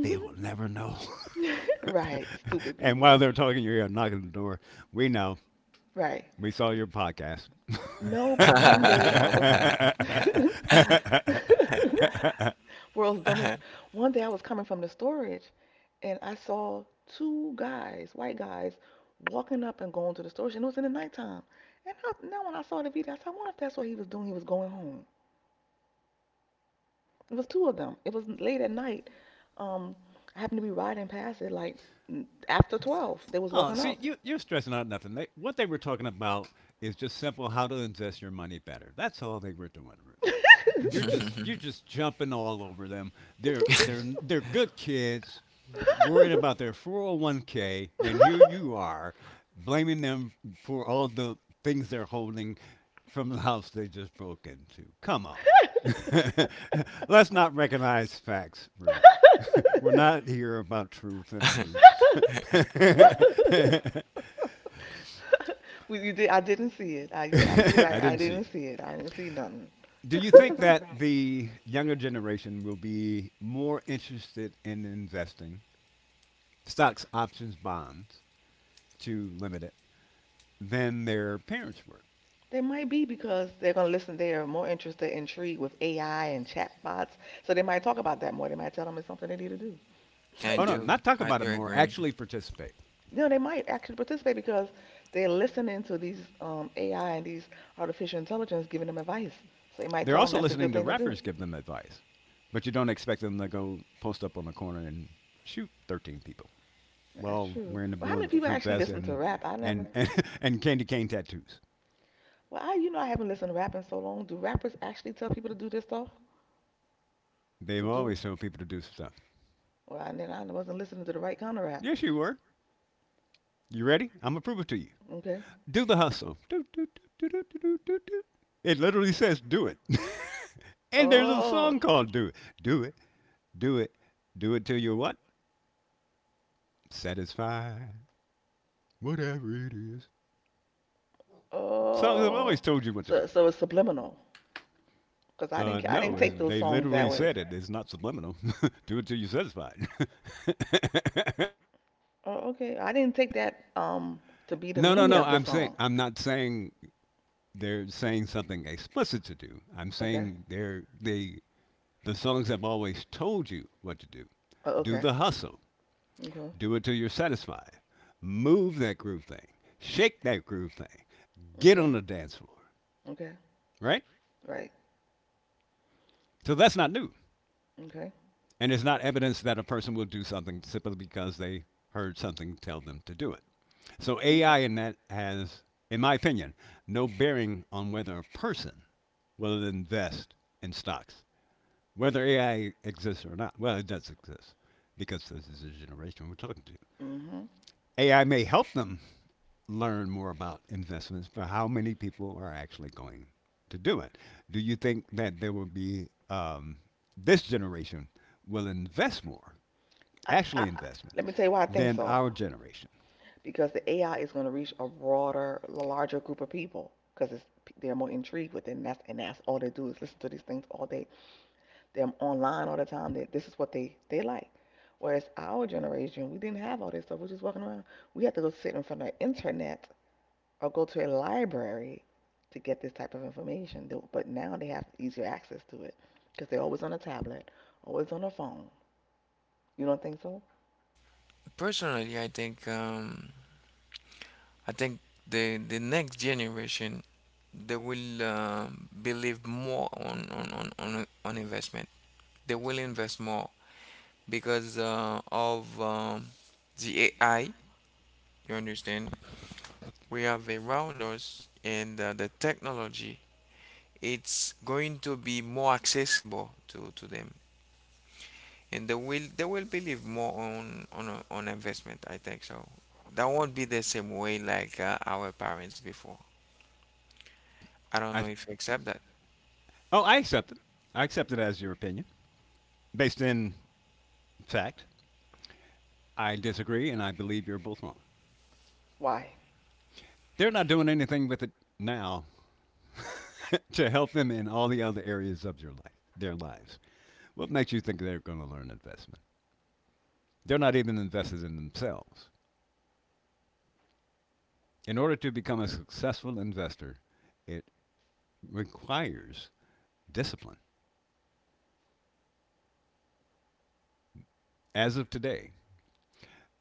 Speaker 1: They will never know.
Speaker 3: Right. Stupid
Speaker 1: And
Speaker 3: people.
Speaker 1: while they're talking, you're here knocking the door. We know.
Speaker 3: Right.
Speaker 1: We saw your podcast.
Speaker 3: No, but one day I was world's dumbest. One day I was coming from the storage and I saw two guys, white guys, walking up and going to the storage and it was in the nighttime. Now when I saw the video, I said, I wonder if that's what he was doing. He was going home. It was two of them. It was late at night. Um, I happened to be riding past it like after 12. They was
Speaker 1: Oh,
Speaker 3: walking
Speaker 1: see,
Speaker 3: up.
Speaker 1: you're stressing out nothing. What they were talking about is just simple how to invest your money better. That's all they were doing, Ruth. You're just jumping all over them. They're they're they're good kids, worried about their 401(k), and here you are, blaming them for all the things they're holding from the house they just broke into. Come on. Let's not recognize facts, Ruth. We're not here about truth and Ruths.
Speaker 3: You did, I didn't see it. You're absolutely right.
Speaker 1: I
Speaker 3: I
Speaker 1: didn't see
Speaker 3: didn't
Speaker 1: it.
Speaker 3: see it. I didn't see nothing.
Speaker 1: Do you think that the younger generation will be more interested in investing stocks, options, bonds to limit it than their parents were?
Speaker 3: They might be because they're going to listen. They are more interested, intrigued with AI and chatbots. So they might talk about that more. They might tell them it's something they need to do.
Speaker 1: Oh, no, not
Speaker 2: I
Speaker 1: talk
Speaker 2: do
Speaker 1: about it more,
Speaker 2: agree.
Speaker 1: actually participate.
Speaker 3: No, they might actually participate because they're listening to these AI and these artificial intelligence giving them advice. So they might
Speaker 1: They're
Speaker 3: tell them
Speaker 1: also
Speaker 3: that's a
Speaker 1: listening
Speaker 3: good
Speaker 1: to
Speaker 3: thing to do.
Speaker 1: rappers give them advice, but you don't expect them to go post up on a corner and shoot 13 people.
Speaker 3: That's
Speaker 1: Well,
Speaker 3: true.
Speaker 1: wearing the
Speaker 3: Well, how many people
Speaker 1: bulletproof
Speaker 3: actually
Speaker 1: vest
Speaker 3: listen to
Speaker 1: and
Speaker 3: rap? I never.
Speaker 1: and and, and candy cane tattoos.
Speaker 3: Well, I you know I haven't listened to rap in so long. Do rappers actually tell people to do this stuff?
Speaker 1: They've
Speaker 3: To do.
Speaker 1: always told people to do stuff.
Speaker 3: Well, then I wasn't listening to the right kind of rap.
Speaker 1: Yes, you were. You ready? I'm gonna prove it to you.
Speaker 3: Okay.
Speaker 1: Do the hustle. Do, do, do, do, do, do, do, do. It literally says do it. And there's a
Speaker 3: Oh,
Speaker 1: song called Do It. Do it. Do it. Do it till you're what? Satisfied. Whatever it is. Songs have always
Speaker 3: oh.
Speaker 1: told you what to do.
Speaker 3: So, it's subliminal because I didn't, I
Speaker 1: No,
Speaker 3: didn't take those
Speaker 1: they
Speaker 3: songs that
Speaker 1: literally
Speaker 3: way.
Speaker 1: said it. It's not subliminal. Do it till you're satisfied.
Speaker 3: Oh, okay. I didn't take that to be the
Speaker 1: No, no,
Speaker 3: meaning
Speaker 1: no.
Speaker 3: of the song.
Speaker 1: I'm not saying they're saying something explicit to do. I'm
Speaker 3: Okay.
Speaker 1: saying the songs have always told you what to do.
Speaker 3: Oh,
Speaker 1: Do
Speaker 3: okay.
Speaker 1: the hustle.
Speaker 3: Okay.
Speaker 1: Do it till you're satisfied. Move that groove thing. Shake that groove thing. Get on
Speaker 3: Okay.
Speaker 1: the dance floor.
Speaker 3: Okay.
Speaker 1: Right.
Speaker 3: Right.
Speaker 1: So that's not new.
Speaker 3: Okay.
Speaker 1: And it's not evidence that a person will do something simply because they heard something tell them to do it. So
Speaker 3: Okay.
Speaker 1: AI in that has, in my opinion, no bearing on whether a person will invest in stocks, whether AI exists or not. Well, it does exist because this is the generation we're talking to.
Speaker 3: Mhm.
Speaker 1: AI may help them learn more about investments, but how many people are actually going to do it? Do you think that there will be this generation will invest more
Speaker 3: I, I,
Speaker 1: actually
Speaker 3: I- Let
Speaker 1: investment
Speaker 3: me tell you why I think
Speaker 1: than
Speaker 3: so.
Speaker 1: our generation.
Speaker 3: Because the AI is going to reach a broader, larger group of people because it's they're more intrigued with it, and that's all they do is listen to these things all day, them online all the time that this is what they like. Whereas our generation, we didn't have all this stuff. We're just walking around. We had to go sit in front of the internet or go to a library to get this type of information. But now they have easier access to it because they're always on a tablet, always on a phone. You don't think so?
Speaker 2: Personally, I think the next generation, they will believe more on on investment. They will invest more because of the AI. You understand? We have around us and the technology. It's going to be more accessible to them, and they will believe more on on investment. I think so. That won't be the same way like our parents before. I don't
Speaker 1: I
Speaker 2: know
Speaker 1: th-
Speaker 2: if you accept that,
Speaker 1: oh, I accept it. I accept it as your opinion based in fact. I disagree, and I believe you're both wrong.
Speaker 3: Why?
Speaker 1: They're not doing anything with it now to help them in all the other areas of your life, their lives. What makes you think they're going to learn investment? They're not even invested in themselves. In order to become a successful investor, it requires discipline. As of today,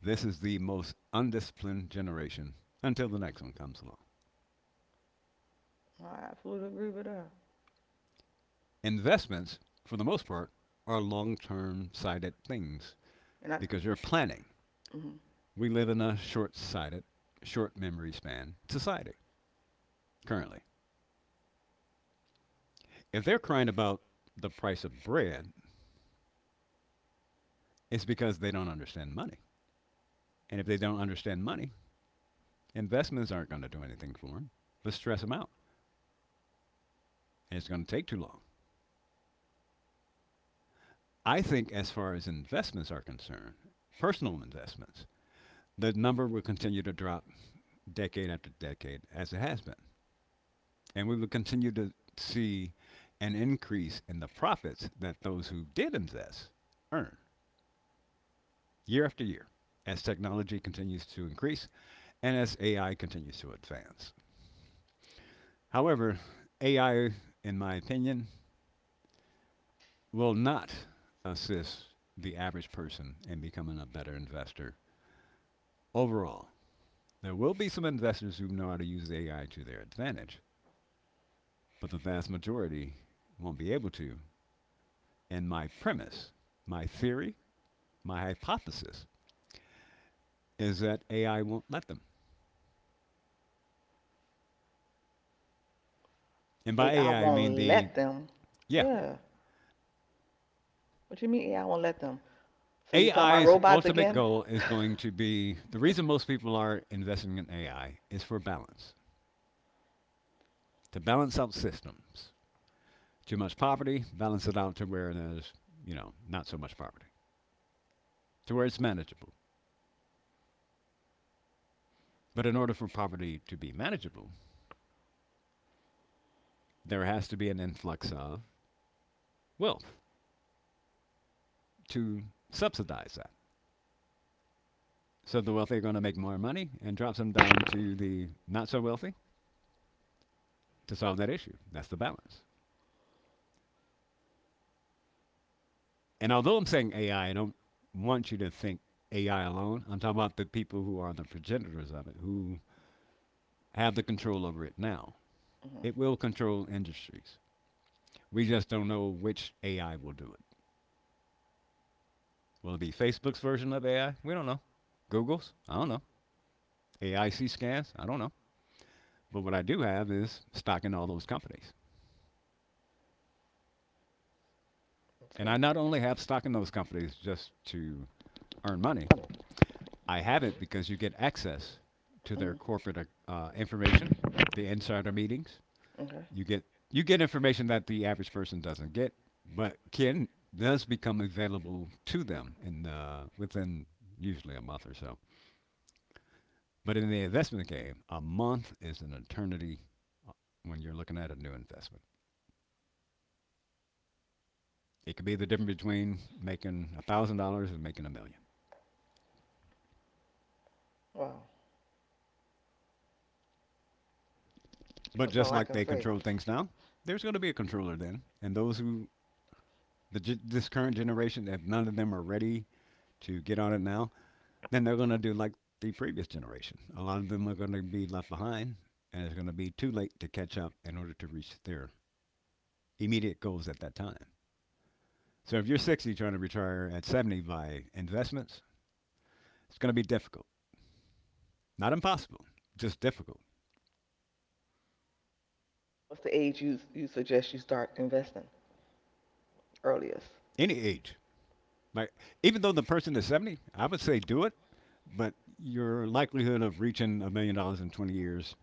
Speaker 1: this is the most undisciplined generation until the next one comes along.
Speaker 3: I absolutely agree with that.
Speaker 1: Investments, for the most part, are long term sighted things
Speaker 3: And I,
Speaker 1: because you're planning.
Speaker 3: mm,
Speaker 1: We live in a short sighted, short memory span society currently. If they're crying about the price of bread, it's because they don't understand money. And if they don't understand money, investments aren't going to do anything for them but stress them out. And it's going to take too long. I think, as far as investments are concerned, personal investments, the number will continue to drop decade after decade, as it has been. And we will continue to see an increase in the profits that those who did invest earn year after year as technology continues to increase and as AI continues to advance. However, AI, in my opinion, will not assist the average person in becoming a better investor overall. There will be some investors who know how to use AI to their advantage, but the vast majority won't be able to. And my premise, my theory, my hypothesis is that AI won't let them. And by
Speaker 3: AI
Speaker 1: AI, I mean
Speaker 3: won't
Speaker 1: the,
Speaker 3: let them.
Speaker 1: yeah.
Speaker 3: Yeah. What you mean AI won't let them? So you talking about
Speaker 1: AI's
Speaker 3: robots
Speaker 1: ultimate
Speaker 3: again?
Speaker 1: goal is going to be the reason most people are investing in AI is for balance, to balance out systems. Too much poverty, balance it out to where there's not so much poverty, to where it's manageable. But in order for poverty to be manageable, there has to be an influx of wealth to subsidize that. So the wealthy are going to make more money and drops them down to the not so wealthy to solve that issue. That's the balance. And although I'm saying AI, I don't want you to think AI alone. I'm talking about the people who are the progenitors of it, who have the control over it now.
Speaker 3: Mhm.
Speaker 1: It will control industries. We just don't know which AI will do it. Will it be Facebook's version of AI? We don't know. Google's? I don't know. AIC scans? I don't know. But what I do have is stock in all those companies. And
Speaker 3: Okay.
Speaker 1: I not only have stock in those companies just to earn money. I haven't because you get access to
Speaker 3: Mhm.
Speaker 1: their corporate information, the insider meetings.
Speaker 3: Okay.
Speaker 1: You get you get information that the average person doesn't get, but can does become available to them in within usually a month or so. But in the investment game, a month is an eternity uh, when you're looking at a new investment. It could be the difference between making $1,000 and making a million.
Speaker 3: Wow.
Speaker 1: But
Speaker 3: That's
Speaker 1: just
Speaker 3: all I
Speaker 1: like
Speaker 3: can
Speaker 1: they
Speaker 3: say.
Speaker 1: control things now, there's going to be a controller then, and those who the ge- this current generation, if none of them are ready to get on it now, then they're going to do like the previous generation. A lot of them are going to be left behind, and it's going to be too late to catch up in order to reach their immediate goals at that time. So if you're 60 trying to retire at 70 by investments, it's going to be difficult. Not impossible, just difficult.
Speaker 3: What's the age you suggest you start investing earliest?
Speaker 1: Any age. Like even though the person is 70, I would say do it, but your likelihood of reaching $1 million in 20 years.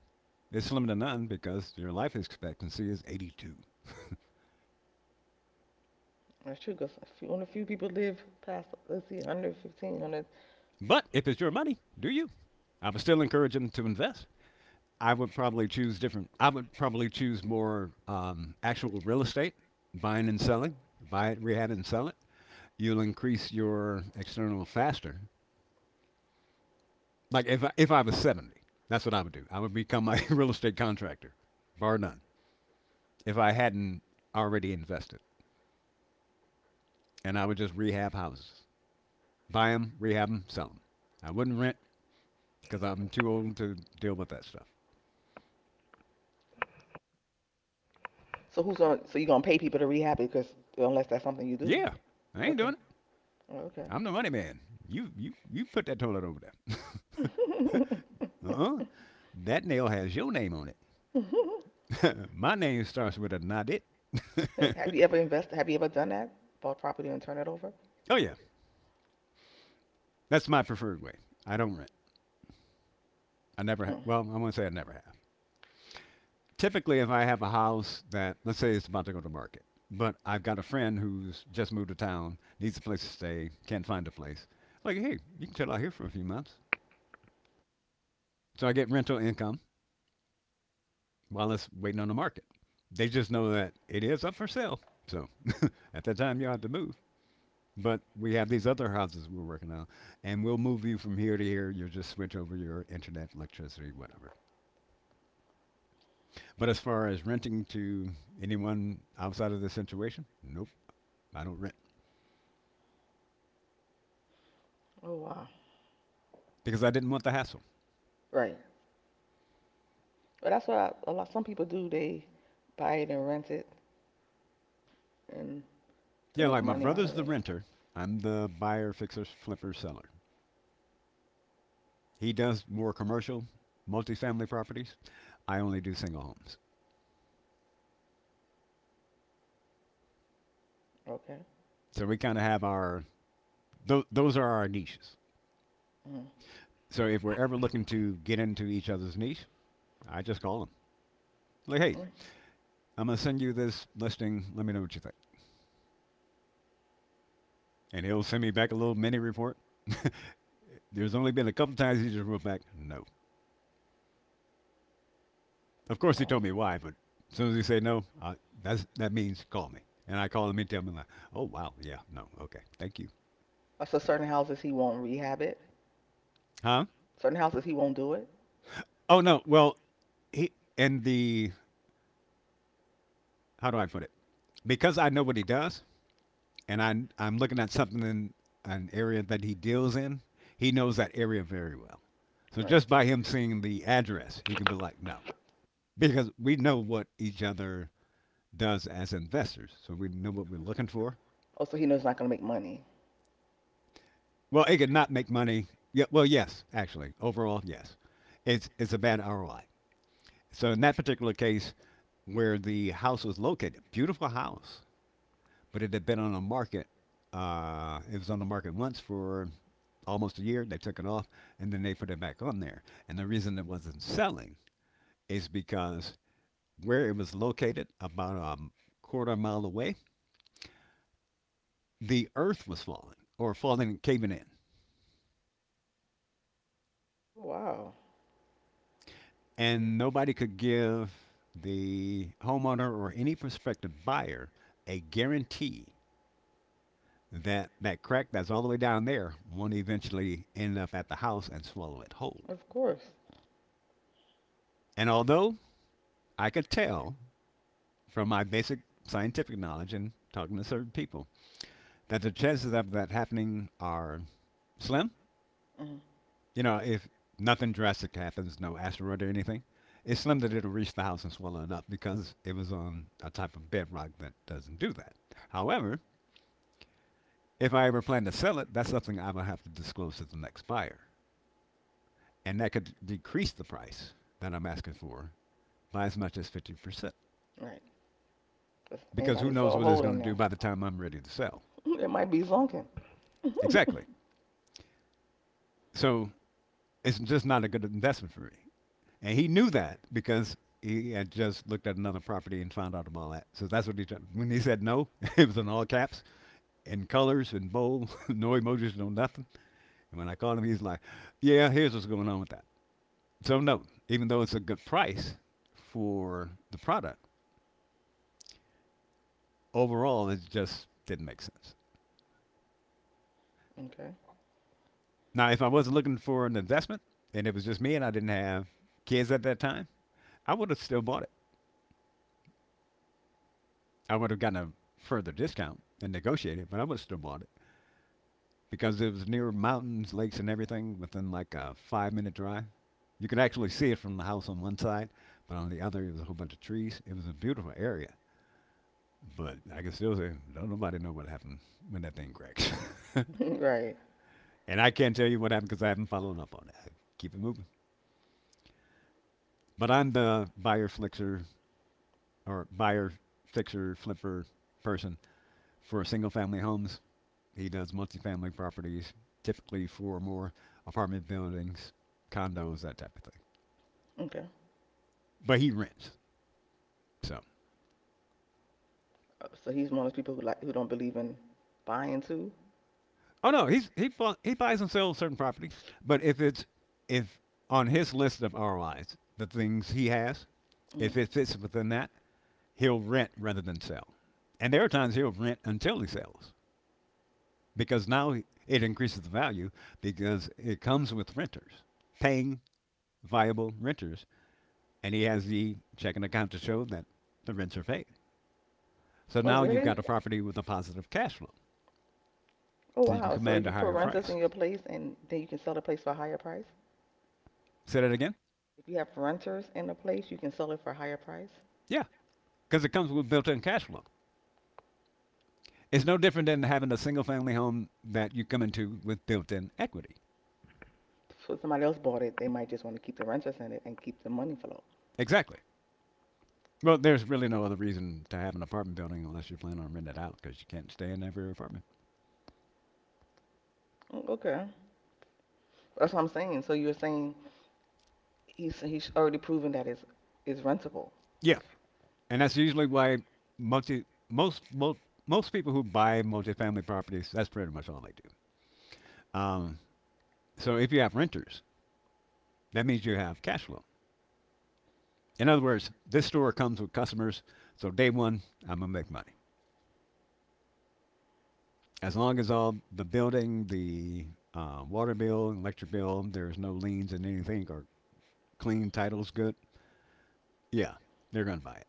Speaker 1: It's slim to none because your life expectancy is 82.
Speaker 3: That's true, because only a few people live past, let's see, 100, 100.
Speaker 1: But if it's your money, do you? I would still encourage them to invest. I would probably choose different. I would probably choose more actual real estate, buying and selling, buy it, rehab it, and sell it. You'll increase your external faster. Like if I was 70, that's what I would do. I would become a real estate contractor, bar none. If I hadn't already invested, and I would just rehab houses, buy them, rehab them, sell them. I wouldn't rent, because I'm too old to deal with that stuff.
Speaker 3: So you going to pay people to rehab it? Cause unless that's something you do.
Speaker 1: Yeah, I ain't
Speaker 3: Okay.
Speaker 1: doing it.
Speaker 3: Oh, okay.
Speaker 1: I'm the money man. You put that toilet over there. Uh-huh. That nail has your name on it. My name starts with a not it.
Speaker 3: Have you ever done that? Bought property and turn it over?
Speaker 1: Oh yeah, that's my preferred way. I don't rent. I never
Speaker 3: Mm.
Speaker 1: well, I won't say I never have. Typically if I have a house that, let's say it's about to go to market, but I've got a friend who's just moved to town, needs a place to stay, can't find a place. Like, hey, you can chill out here for a few months. So I get rental income while it's waiting on the market. They just know that it is up for sale. So at that time you have to move. But we have these other houses we're working on, and we'll move you from here to here. You'll just switch over your internet, electricity, whatever. But as far as renting to anyone outside of this situation, nope, I don't rent,
Speaker 3: Oh, wow.
Speaker 1: because I didn't want the hassle.
Speaker 3: Right. But that's what some people do. They buy it and rent it and to
Speaker 1: Yeah,
Speaker 3: make
Speaker 1: like my
Speaker 3: money out
Speaker 1: brother's
Speaker 3: of
Speaker 1: the
Speaker 3: it.
Speaker 1: renter. I'm the buyer, fixer, flipper, seller. He does more commercial, multifamily properties. I only do single homes.
Speaker 3: Okay.
Speaker 1: So we kind of have our those are our niches.
Speaker 3: Mm. Mm.
Speaker 1: So if we're ever looking to get into each other's niche, I just call him. Like, hey,
Speaker 3: All
Speaker 1: I'm gonna send you this listing. Let me know what you think. And he'll send me back a little mini report. There's only been a couple times he just wrote back, no. Of course he told me
Speaker 3: right.
Speaker 1: why, but as soon as he say no, that's, that means call me. And I call him and tell him, like, oh, wow, yeah, no, okay, thank you.
Speaker 3: So certain houses he won't rehab it.
Speaker 1: Huh?
Speaker 3: Certain houses he won't do it.
Speaker 1: Oh, no, well, he, and the, how do I put it? Because I know what he does, and I'm looking at something in an area that he deals in. He knows that area very well. So
Speaker 3: Right.
Speaker 1: just by him seeing the address, he can be like, no. Because we know what each other does as investors. So we know what we're looking for.
Speaker 3: Oh, so he knows it's not going to make money.
Speaker 1: Well, it could not make money. Yeah, well, yes, actually, overall, yes, it's a bad ROI. So in that particular case, where the house was located, beautiful house, but it had been on the market. It was on the market once for almost a year. They took it off, and then they put it back on there. And the reason it wasn't selling is because where it was located, about a quarter mile away, the earth was falling or falling, and caving in.
Speaker 3: Wow.
Speaker 1: And nobody could give the homeowner or any prospective buyer a guarantee that that crack that's all the way down there won't eventually end up at the house and swallow it whole.
Speaker 3: Of course.
Speaker 1: And although I could tell from my basic scientific knowledge and talking to certain people that the chances of that happening are slim,
Speaker 3: Mm,
Speaker 1: you know, if nothing drastic happens, no asteroid or anything, it's slim that it'll reach the house and swallow it up because it was on a type of bedrock that doesn't do that. However, if I ever plan to sell it, that's something I would have to disclose to the next buyer. And that could decrease the price that I'm asking for by as much as 50%.
Speaker 3: right. 'Cause
Speaker 1: Because who
Speaker 3: anybody
Speaker 1: knows
Speaker 3: saw a
Speaker 1: what it's
Speaker 3: hole
Speaker 1: going
Speaker 3: in
Speaker 1: to do
Speaker 3: there,
Speaker 1: by the time I'm ready to sell.
Speaker 3: it might be zonking.
Speaker 1: Exactly. So it's just not a good investment for me. And he knew that because he had just looked at another property and found out about all that. So that's what he did. When he said no, it was in all caps, in colors, in bold, no emojis, no nothing. And when I called him, he's like, "Yeah, here's what's going on with that." So no, even though it's a good price for the product, overall it just didn't make sense.
Speaker 3: Okay.
Speaker 1: Now, if I wasn't looking for an investment and it was just me and I didn't have kids at that time, I would have still bought it. I would have gotten a further discount and negotiated, but I would have still bought it, because it was near mountains, lakes, and everything within like a 5 minute drive. You could actually see it from the house on one side, but on the other, it was a whole bunch of trees. It was a beautiful area. But I can still say, don't nobody know what happened when that thing cracks.
Speaker 3: Right.
Speaker 1: And I can't tell you what happened because I haven't followed up on it. I keep it moving. But I'm the buyer fixer or buyer fixer flipper person for single family homes. He does multifamily properties, typically four or more apartment buildings, condos, that type of thing,
Speaker 3: Okay.
Speaker 1: but he rents. So
Speaker 3: So he's one of those people who like who don't believe in buying too.
Speaker 1: oh no, he he buys and sells certain property. But if on his list of ROIs, the things he has, if
Speaker 3: Mm.
Speaker 1: it fits within that, he'll rent rather than sell. And there are times he'll rent until he sells because now it increases the value because it comes with renters paying, viable renters, and he has the checking account to show that the rents are paid. So
Speaker 3: Oh,
Speaker 1: now you've
Speaker 3: really?
Speaker 1: got a property with a positive cash flow.
Speaker 3: Oh,
Speaker 1: So you can
Speaker 3: wow. So if
Speaker 1: command a
Speaker 3: you put
Speaker 1: higher
Speaker 3: renters in
Speaker 1: price.
Speaker 3: your place and then you can sell the place for a higher price?
Speaker 1: Say that again?
Speaker 3: If you have renters in the place, you can sell it for a higher price.
Speaker 1: Yeah, because it comes with built in cash flow. It's no different than having a single family home that you come into with built in equity.
Speaker 3: So if somebody else bought it, they might just want to keep the renters in it and keep the money flow.
Speaker 1: Exactly. Well, there's really no other reason to have an apartment building unless you're planning on renting it out because you can't stay in every apartment.
Speaker 3: Mm, okay. That's what I'm saying. So you're saying he's already proven that it's rentable.
Speaker 1: Yeah, and that's usually why multi most most most people who buy multifamily properties, that's pretty much all they do. Um, so if you have renters, that means you have cash flow. In other words, this store comes with customers, so day one, I'm gonna make money. As long as all the building, the water bill, electric bill, there's no liens and anything, or clean title's good, yeah, they're gonna buy it.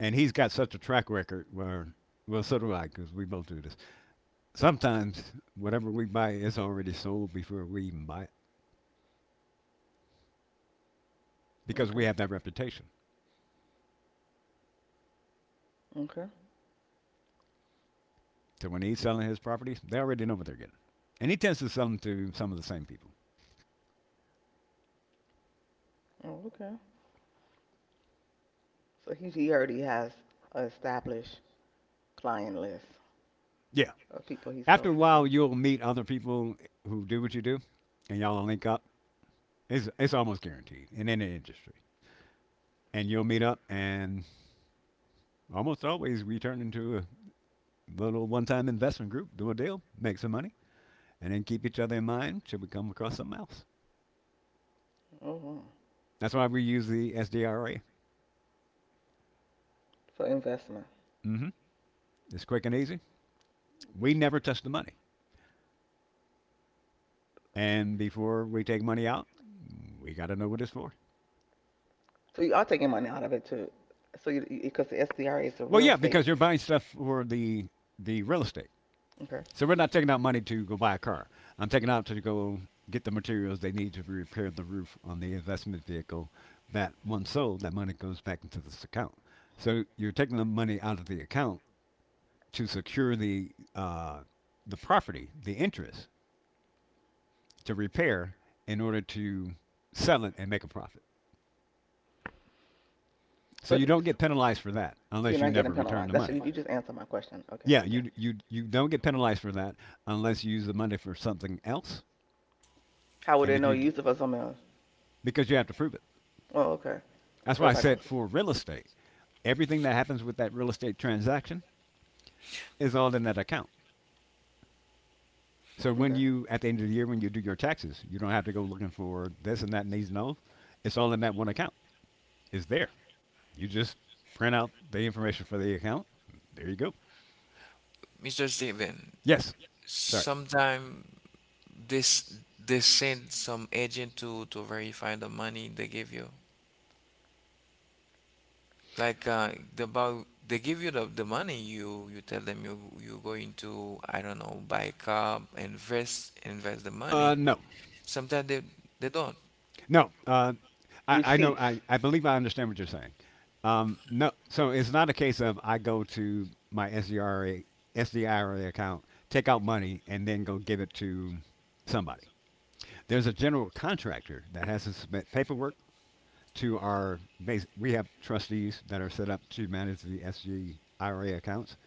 Speaker 1: And he's got such a track record where, well, so do I, because we both do this. Sometimes whatever we buy is already sold before we even buy it, because
Speaker 3: Okay.
Speaker 1: we have that reputation.
Speaker 3: Okay.
Speaker 1: So when he's selling his properties, they already know what they're getting. And he tends to sell them to some of the same people.
Speaker 3: Oh, okay. So he already has an established client list
Speaker 1: Yeah,
Speaker 3: of people he
Speaker 1: after
Speaker 3: sells
Speaker 1: a
Speaker 3: it to.
Speaker 1: while you'll meet other people who do what you do and y'all will link up. It's almost guaranteed in any industry. And you'll meet up and almost always we turn into a little one-time investment group, do a deal, make some money, and then keep each other in mind should we come across something else.
Speaker 3: Oh, wow.
Speaker 1: That's why we use the SDRA.
Speaker 3: For investment.
Speaker 1: Mm-hmm. It's quick and easy. We never touch the money, and before we take money out, we got to know what it's for.
Speaker 3: So you are taking money out of it too. So you because the SDRA is the
Speaker 1: Well
Speaker 3: real
Speaker 1: yeah,
Speaker 3: estate.
Speaker 1: because you're buying stuff for the real estate.
Speaker 3: Okay.
Speaker 1: So we're not taking out money to go buy a car. I'm taking out to go get the materials they need to repair the roof on the investment vehicle. That one sold, that money goes back into this account. So you're taking the money out of the account to secure the property, the interest, to repair in order to sell it and make a profit. So
Speaker 3: So
Speaker 1: you
Speaker 3: th-
Speaker 1: don't
Speaker 3: so
Speaker 1: get penalized for that
Speaker 3: you're
Speaker 1: unless you
Speaker 3: not getting
Speaker 1: never return
Speaker 3: penalized.
Speaker 1: the
Speaker 3: That's you,
Speaker 1: money.
Speaker 3: you just answered my question. Okay.
Speaker 1: Yeah, you don't get penalized for that unless you use the money for something else.
Speaker 3: How would
Speaker 1: And
Speaker 3: they
Speaker 1: if
Speaker 3: know
Speaker 1: you
Speaker 3: you
Speaker 1: d-
Speaker 3: used it for something else?
Speaker 1: Because you have to prove it.
Speaker 3: Oh, okay.
Speaker 1: That's
Speaker 3: So
Speaker 1: why I
Speaker 3: it's like this.
Speaker 1: said, for real estate, everything that happens with that real estate transaction is all in that account. So
Speaker 3: Okay.
Speaker 1: when you, at the end of the year when you do your taxes, you don't have to go looking for this and that and these and those. It's all in that one account. It's there. You just print out the information for the account. There you go.
Speaker 2: Mr. Steven.
Speaker 1: Yes. Sorry.
Speaker 2: Sometime this they send some agent to verify the money they give you. Like the about they give you the money you you tell them you you going to, I don't know, buy a
Speaker 1: Are
Speaker 2: car, invest, invest the money.
Speaker 1: No.
Speaker 2: Sometimes they don't.
Speaker 1: No, I know.
Speaker 3: Receipts,
Speaker 1: I believe I understand what you're saying. No, so it's not a case of I go to my SDRA SDIRA account, take out money, and then go give it to somebody. There's a general contractor that has to submit paperwork to our base. We have trustees that are set up to manage the SDIRA accounts,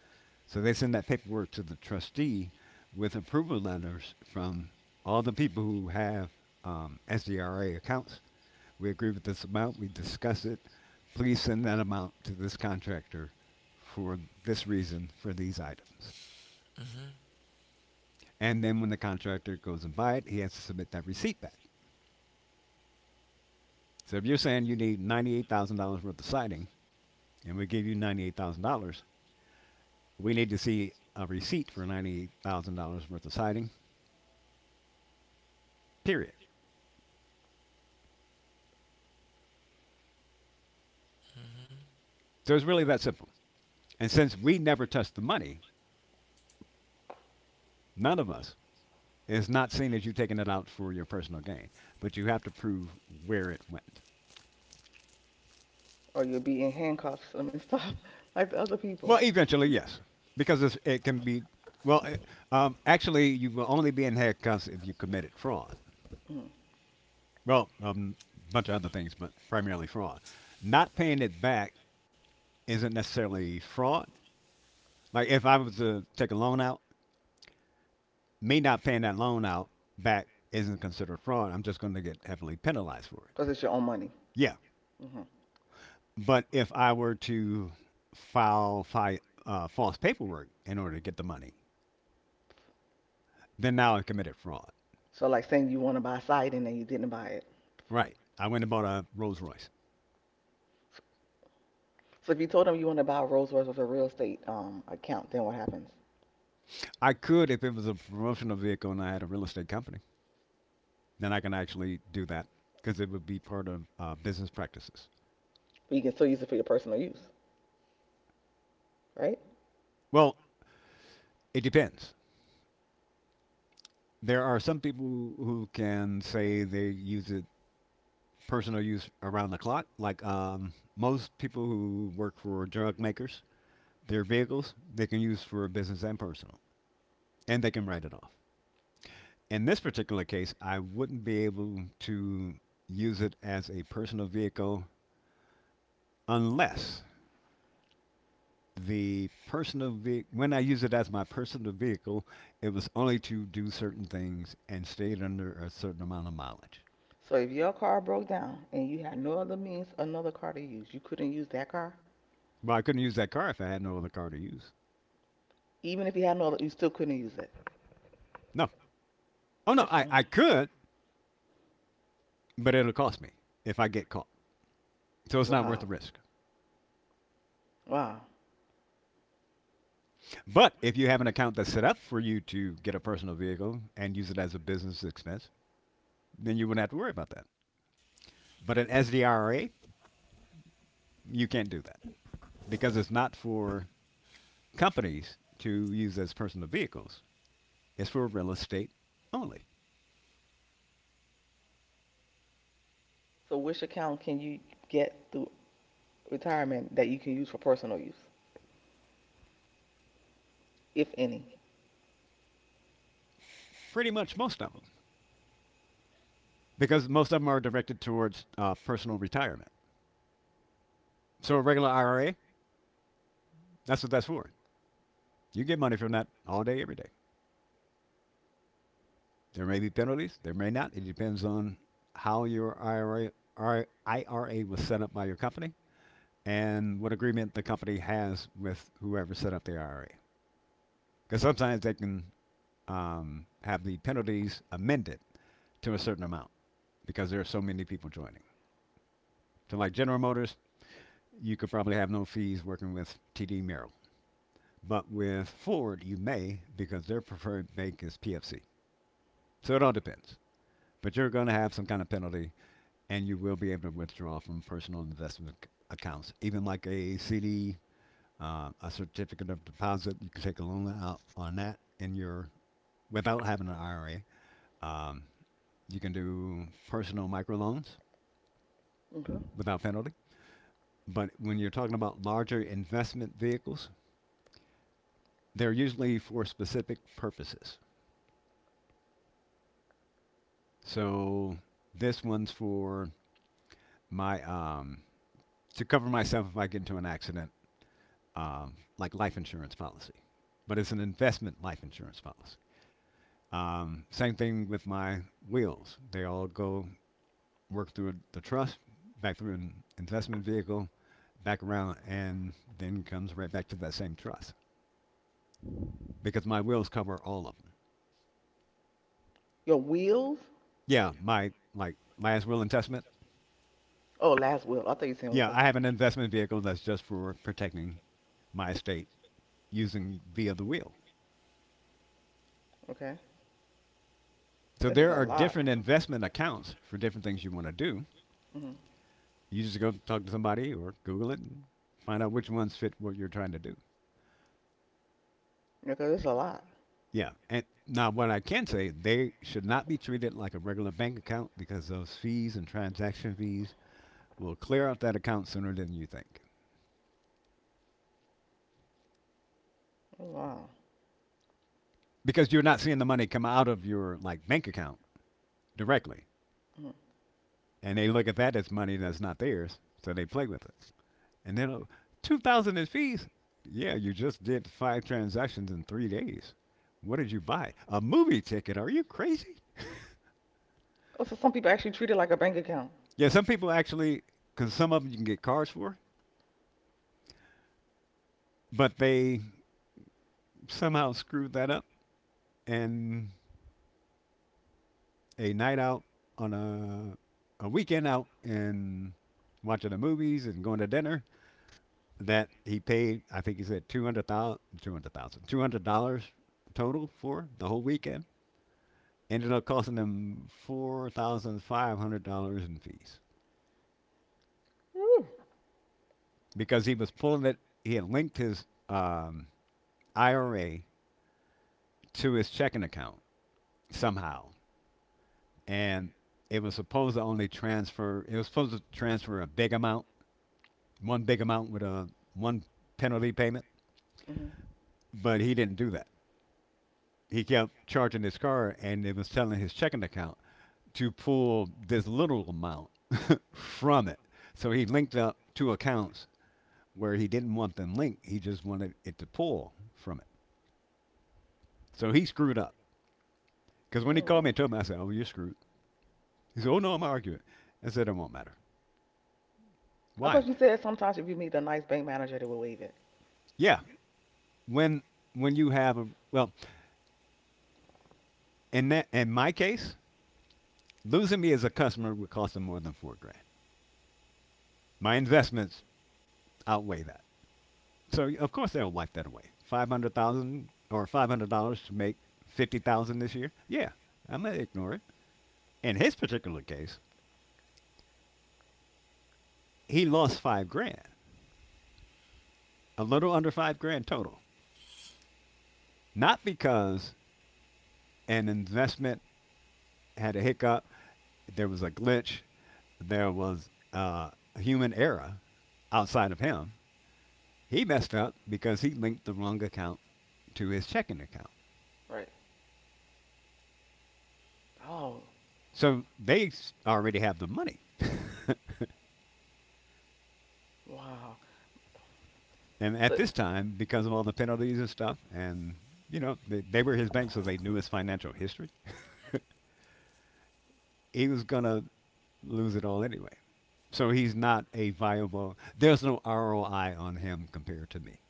Speaker 1: so they send that paperwork to the trustee with approval letters from all the people who have SDRA accounts. We agree with this amount, we discuss it, please send that amount to this contractor for this reason, for these items. And then when the contractor goes and buy it, he has to submit that receipt back. So if you're saying you need $98,000 worth of siding, and we give you $98,000, we need to see a receipt for $98,000 worth of siding. Period. So it's really that simple. And since we never touch the money, none of us is not seen as you taking it out for your personal gain, but you have to prove where it went.
Speaker 3: or you'll be in handcuffs. I mean, stuff like the other
Speaker 1: Well,
Speaker 3: people,
Speaker 1: eventually, yes, because it can be. Well, actually, you will only be in handcuffs if you committed fraud.
Speaker 3: because
Speaker 1: Well, a bunch of other things, but primarily fraud. Not paying it back isn't necessarily fraud. Like if I was to take a loan out, me not paying that loan out back isn't considered fraud. I'm just going to get heavily penalized for it.
Speaker 3: mm. It's your own money.
Speaker 1: Yeah,
Speaker 3: Hmm.
Speaker 1: but if I were to file false paperwork in order to get the money, then now I committed fraud.
Speaker 3: So, like saying you want to buy siding and you didn't buy it.
Speaker 1: Right. I went and bought a Rolls Royce.
Speaker 3: So, if you told them you want to buy a Rolls Royce with a real estate account, then what happens?
Speaker 1: I could if it was a promotional vehicle and I had a real estate company. Then I can actually do that because it would be part of business practices.
Speaker 3: But you can still use it for your personal use, right?
Speaker 1: Well, it depends. There are some people who can say they use it personal use around the clock. Like most people who work for drug makers, their vehicles they can use for business and personal, and they can write it off. In this particular case, I wouldn't be able to use it as a personal vehicle unless the personal vehicle, when I use it as my personal vehicle, it was only to do certain things and stayed under a certain amount of mileage.
Speaker 3: So, if your car broke down and you had no other means, another car to use, you couldn't use that car.
Speaker 1: Well, I couldn't use that car if I had no other car to use.
Speaker 3: Even if you had no, other, you still couldn't use it.
Speaker 1: No. Oh no,
Speaker 3: It's,
Speaker 1: I,
Speaker 3: mm,
Speaker 1: I could, but it'll cost me if I get caught. So it's not worth the
Speaker 3: wow,
Speaker 1: risk.
Speaker 3: wow.
Speaker 1: But if you have an account that's set up for you to get a personal vehicle and use it as a business expense, then you wouldn't have to worry about that. But as the IRA, you can't do that because it's not for companies to use as personal vehicles. Is for real estate only.
Speaker 3: So, which account can you get through retirement that you can use for personal use, if any?
Speaker 1: Pretty much most of them, because most of them are directed towards personal retirement. So a regular IRA, that's what that's for. You get money from that all day, every day. There may be penalties, there may not. It depends on how your IRA was set up by your company and what agreement the company has with whoever set up the IRA. Because sometimes they can have the penalties amended to a certain amount because there are so many people joining. So, like General Motors, you could probably have no fees working with TD Merrill. But with Ford, you may because their preferred bank is PFC. So it all depends. But you're going to have some kind of penalty, and you will be able to withdraw from personal investment accounts, even like a CD, a certificate of deposit. You can take a loan out on that in your without having an IRA. Um, you can do personal microloans
Speaker 3: Okay.
Speaker 1: without penalty. But when you're talking about larger investment vehicles, they're usually for specific purposes. So this one's for my to cover myself if I get into an accident, like life insurance policy. But it's an investment life insurance policy. Same thing with my wheels. They all go work through the trust, back through an investment vehicle, back around, and then comes right back to that same trust because my wheels cover all of them.
Speaker 3: Your wheels?
Speaker 1: Yeah, my like last will and testament.
Speaker 3: Oh, last will. I thought you said
Speaker 1: Yeah, I
Speaker 3: okay.
Speaker 1: have an investment vehicle that's just for protecting my estate using via the will.
Speaker 3: Okay.
Speaker 1: So
Speaker 3: This is
Speaker 1: there
Speaker 3: a
Speaker 1: are
Speaker 3: lot.
Speaker 1: different investment accounts for different things you want to do.
Speaker 3: Mm-hmm.
Speaker 1: You just go talk to somebody or Google it and find out which ones fit what you're trying to do.
Speaker 3: Because this is a lot.
Speaker 1: Yeah. And now, what I can say, they should not be treated like a regular bank account because those fees and transaction fees will clear out that account sooner than you think.
Speaker 3: Oh, wow.
Speaker 1: Because you're not seeing the money come out of your like bank account directly.
Speaker 3: Hmm.
Speaker 1: And they look at that as money that's not theirs, so they play with it. And then $2,000 in fees. Yeah, you just did five transactions in 3 days. What did you buy? A movie ticket? Are you crazy?
Speaker 3: Oh, so some people actually treat it like a bank account.
Speaker 1: Yeah, some people actually, because some of them you can get cars for, but they somehow screwed that up. And a night out on a weekend out and watching the movies and going to dinner that he paid, I think he said 200,000 $200 dollars $200 total for the whole weekend. Ended up costing him $4,500 in fees
Speaker 3: Woo.
Speaker 1: because he was pulling it. He had linked his IRA to his checking account somehow. And it was supposed to only transfer, it was supposed to transfer a big amount, one big amount with a one penalty payment.
Speaker 3: Mhm.
Speaker 1: But he didn't do that. He kept charging his car and it was telling his checking account to pull this little amount from it. So he linked up two accounts where he didn't want them linked. He just wanted it to pull from it. So he screwed up. Because when he called me
Speaker 3: Mm.
Speaker 1: and told me, I said, "Oh, you're screwed." He said, "Oh no, I'm arguing." I said, "It won't matter."
Speaker 3: I
Speaker 1: Why?
Speaker 3: thought you said sometimes if you meet a nice bank manager, they will waive it.
Speaker 1: Yeah, when when you have a, well, in my case, losing me as a customer would cost them more than 4 grand. My investments outweigh that. So of course they'll wipe that away. 500,000 or $500 to make 50,000 this year. Yeah, I'm gonna ignore it. In his particular case, he lost 5 grand, a little under 5 grand total, not because an investment had a hiccup, there was a glitch, there was a human error outside of him. He messed up because he linked the wrong account to his checking account.
Speaker 3: Right. Oh,
Speaker 1: So they already have the money.
Speaker 3: wow.
Speaker 1: And at
Speaker 3: So,
Speaker 1: this time, because of all the penalties and stuff, and you know they were his bank, so they knew his financial history. he was gonna lose it all anyway. So he's not a viable. There's no ROI on him compared to me.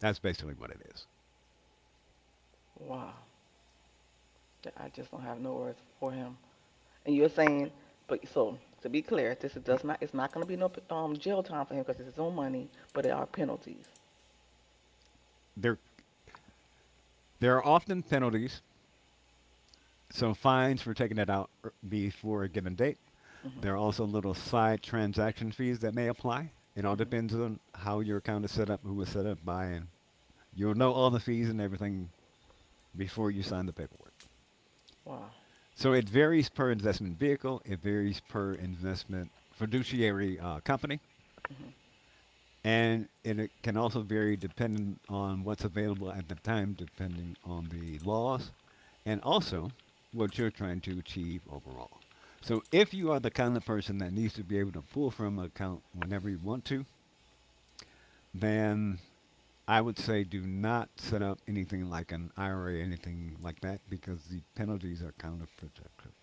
Speaker 1: That's basically what it is.
Speaker 3: wow. I just don't have no words for him. And you're saying, but so to be clear, does not. It's not going to be no jail time for him because it's his own money, but there are
Speaker 1: there
Speaker 3: penalties.
Speaker 1: There are often penalties, so fines for taking it out before a given date.
Speaker 3: Hmm.
Speaker 1: There are also little side transaction fees that may apply. It all
Speaker 3: Hmm.
Speaker 1: depends on how your account is set up, who was set up by, and you'll know all the fees and everything before you sign the paperwork.
Speaker 3: Wow.
Speaker 1: So it varies per investment vehicle, it varies per investment fiduciary company,
Speaker 3: Mm-hmm.
Speaker 1: and it can also vary depending on what's available at the time, depending on the laws, and also what you're trying to achieve overall. So if you are the kind of person that needs to be able to pull from an account whenever you want to, then I would say do not set up anything like an IRA, anything like that, because the penalties are counterproductive.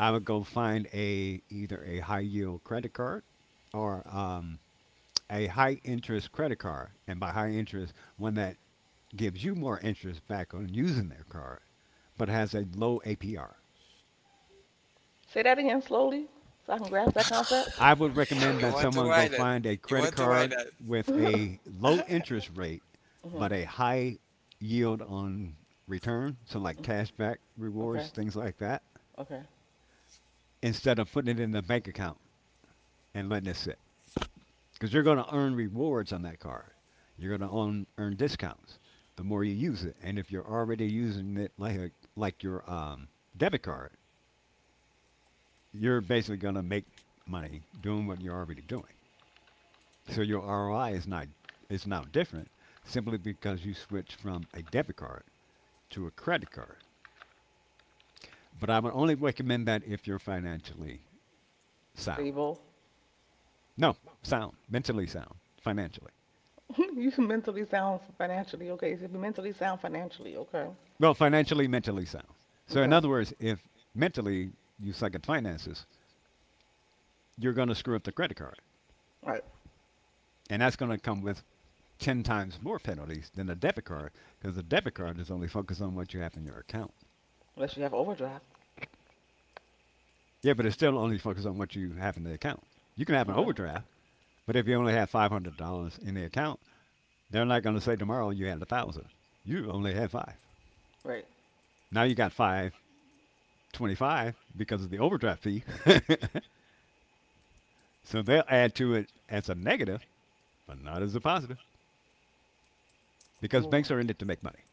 Speaker 1: I would go find a either a high yield credit card or a high interest credit card, and by high interest, one that gives you more interest back on using their card, but has a low APR.
Speaker 3: Say that again slowly so I can grasp that concept.
Speaker 1: I would
Speaker 2: You
Speaker 1: recommend that
Speaker 2: want to
Speaker 1: someone
Speaker 2: ride
Speaker 1: go
Speaker 2: it.
Speaker 1: find a
Speaker 2: You want
Speaker 1: credit
Speaker 2: to ride
Speaker 1: card
Speaker 2: it.
Speaker 1: with
Speaker 3: Hmm.
Speaker 1: a low interest rate but a high yield on return, so like cashback rewards,
Speaker 3: Okay,
Speaker 1: things like that,
Speaker 3: okay.
Speaker 1: instead of putting it in the bank account and letting it sit. Because you're going to earn rewards on that card. You're going to earn discounts the more you use it. And if you're already using it like your debit card, you're basically going to make money doing what you're already doing. So your ROI is not is now different simply because you switch from a debit card to a credit card. But I would only recommend that if you're financially sound.
Speaker 3: Stable.
Speaker 1: No, sound, mentally sound, financially.
Speaker 3: You mentally sound financially, okay. So you mentally sound financially. Okay,
Speaker 1: Well, financially, mentally sound. So in
Speaker 3: okay.
Speaker 1: other words, if mentally you suck at finances, you're going to screw up the credit card,
Speaker 3: Right.
Speaker 1: and that's going to come with ten times more penalties than a debit card because the debit card is only focused on what you have in your account.
Speaker 3: Unless you have overdraft.
Speaker 1: Yeah, but it's still only focused on what you have in the account. You can have an
Speaker 3: Okay.
Speaker 1: overdraft, but if you only have $500 in the account, they're not going to say tomorrow you had $1,000. You only had five.
Speaker 3: Right.
Speaker 1: Now you got 525 because of the overdraft fee. so they'll add to it as a negative, but not as a positive, because banks
Speaker 3: Mm.
Speaker 1: are in it to make money.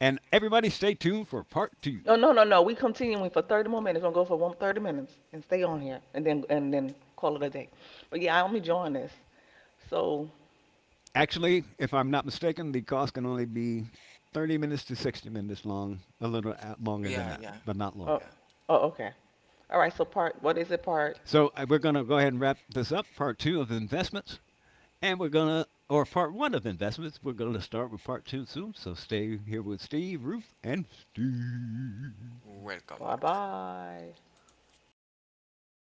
Speaker 1: And everybody, stay tuned for part two.
Speaker 3: Oh, no, no, no. We continuing for 30 more minutes. We're gonna go for one thirty minutes and stay on here and then call it a day. But yeah, I'm enjoying this. So,
Speaker 1: Actually, if I'm not mistaken, the cost can only be 30 minutes to 60 minutes long, a little longer
Speaker 2: Yeah,
Speaker 1: than
Speaker 2: yeah,
Speaker 1: that, but not
Speaker 2: yeah.
Speaker 3: oh,
Speaker 1: longer.
Speaker 3: oh, okay. All right. So, part, what is it, part?
Speaker 1: So we're going to go ahead and wrap this up. Part two of investments. And we're going to, or part one of investments, we're going to start with part two soon. So stay here with Steve, Roof, and Steve.
Speaker 2: Welcome
Speaker 3: Bye
Speaker 2: back.
Speaker 3: bye.
Speaker 2: Oh my.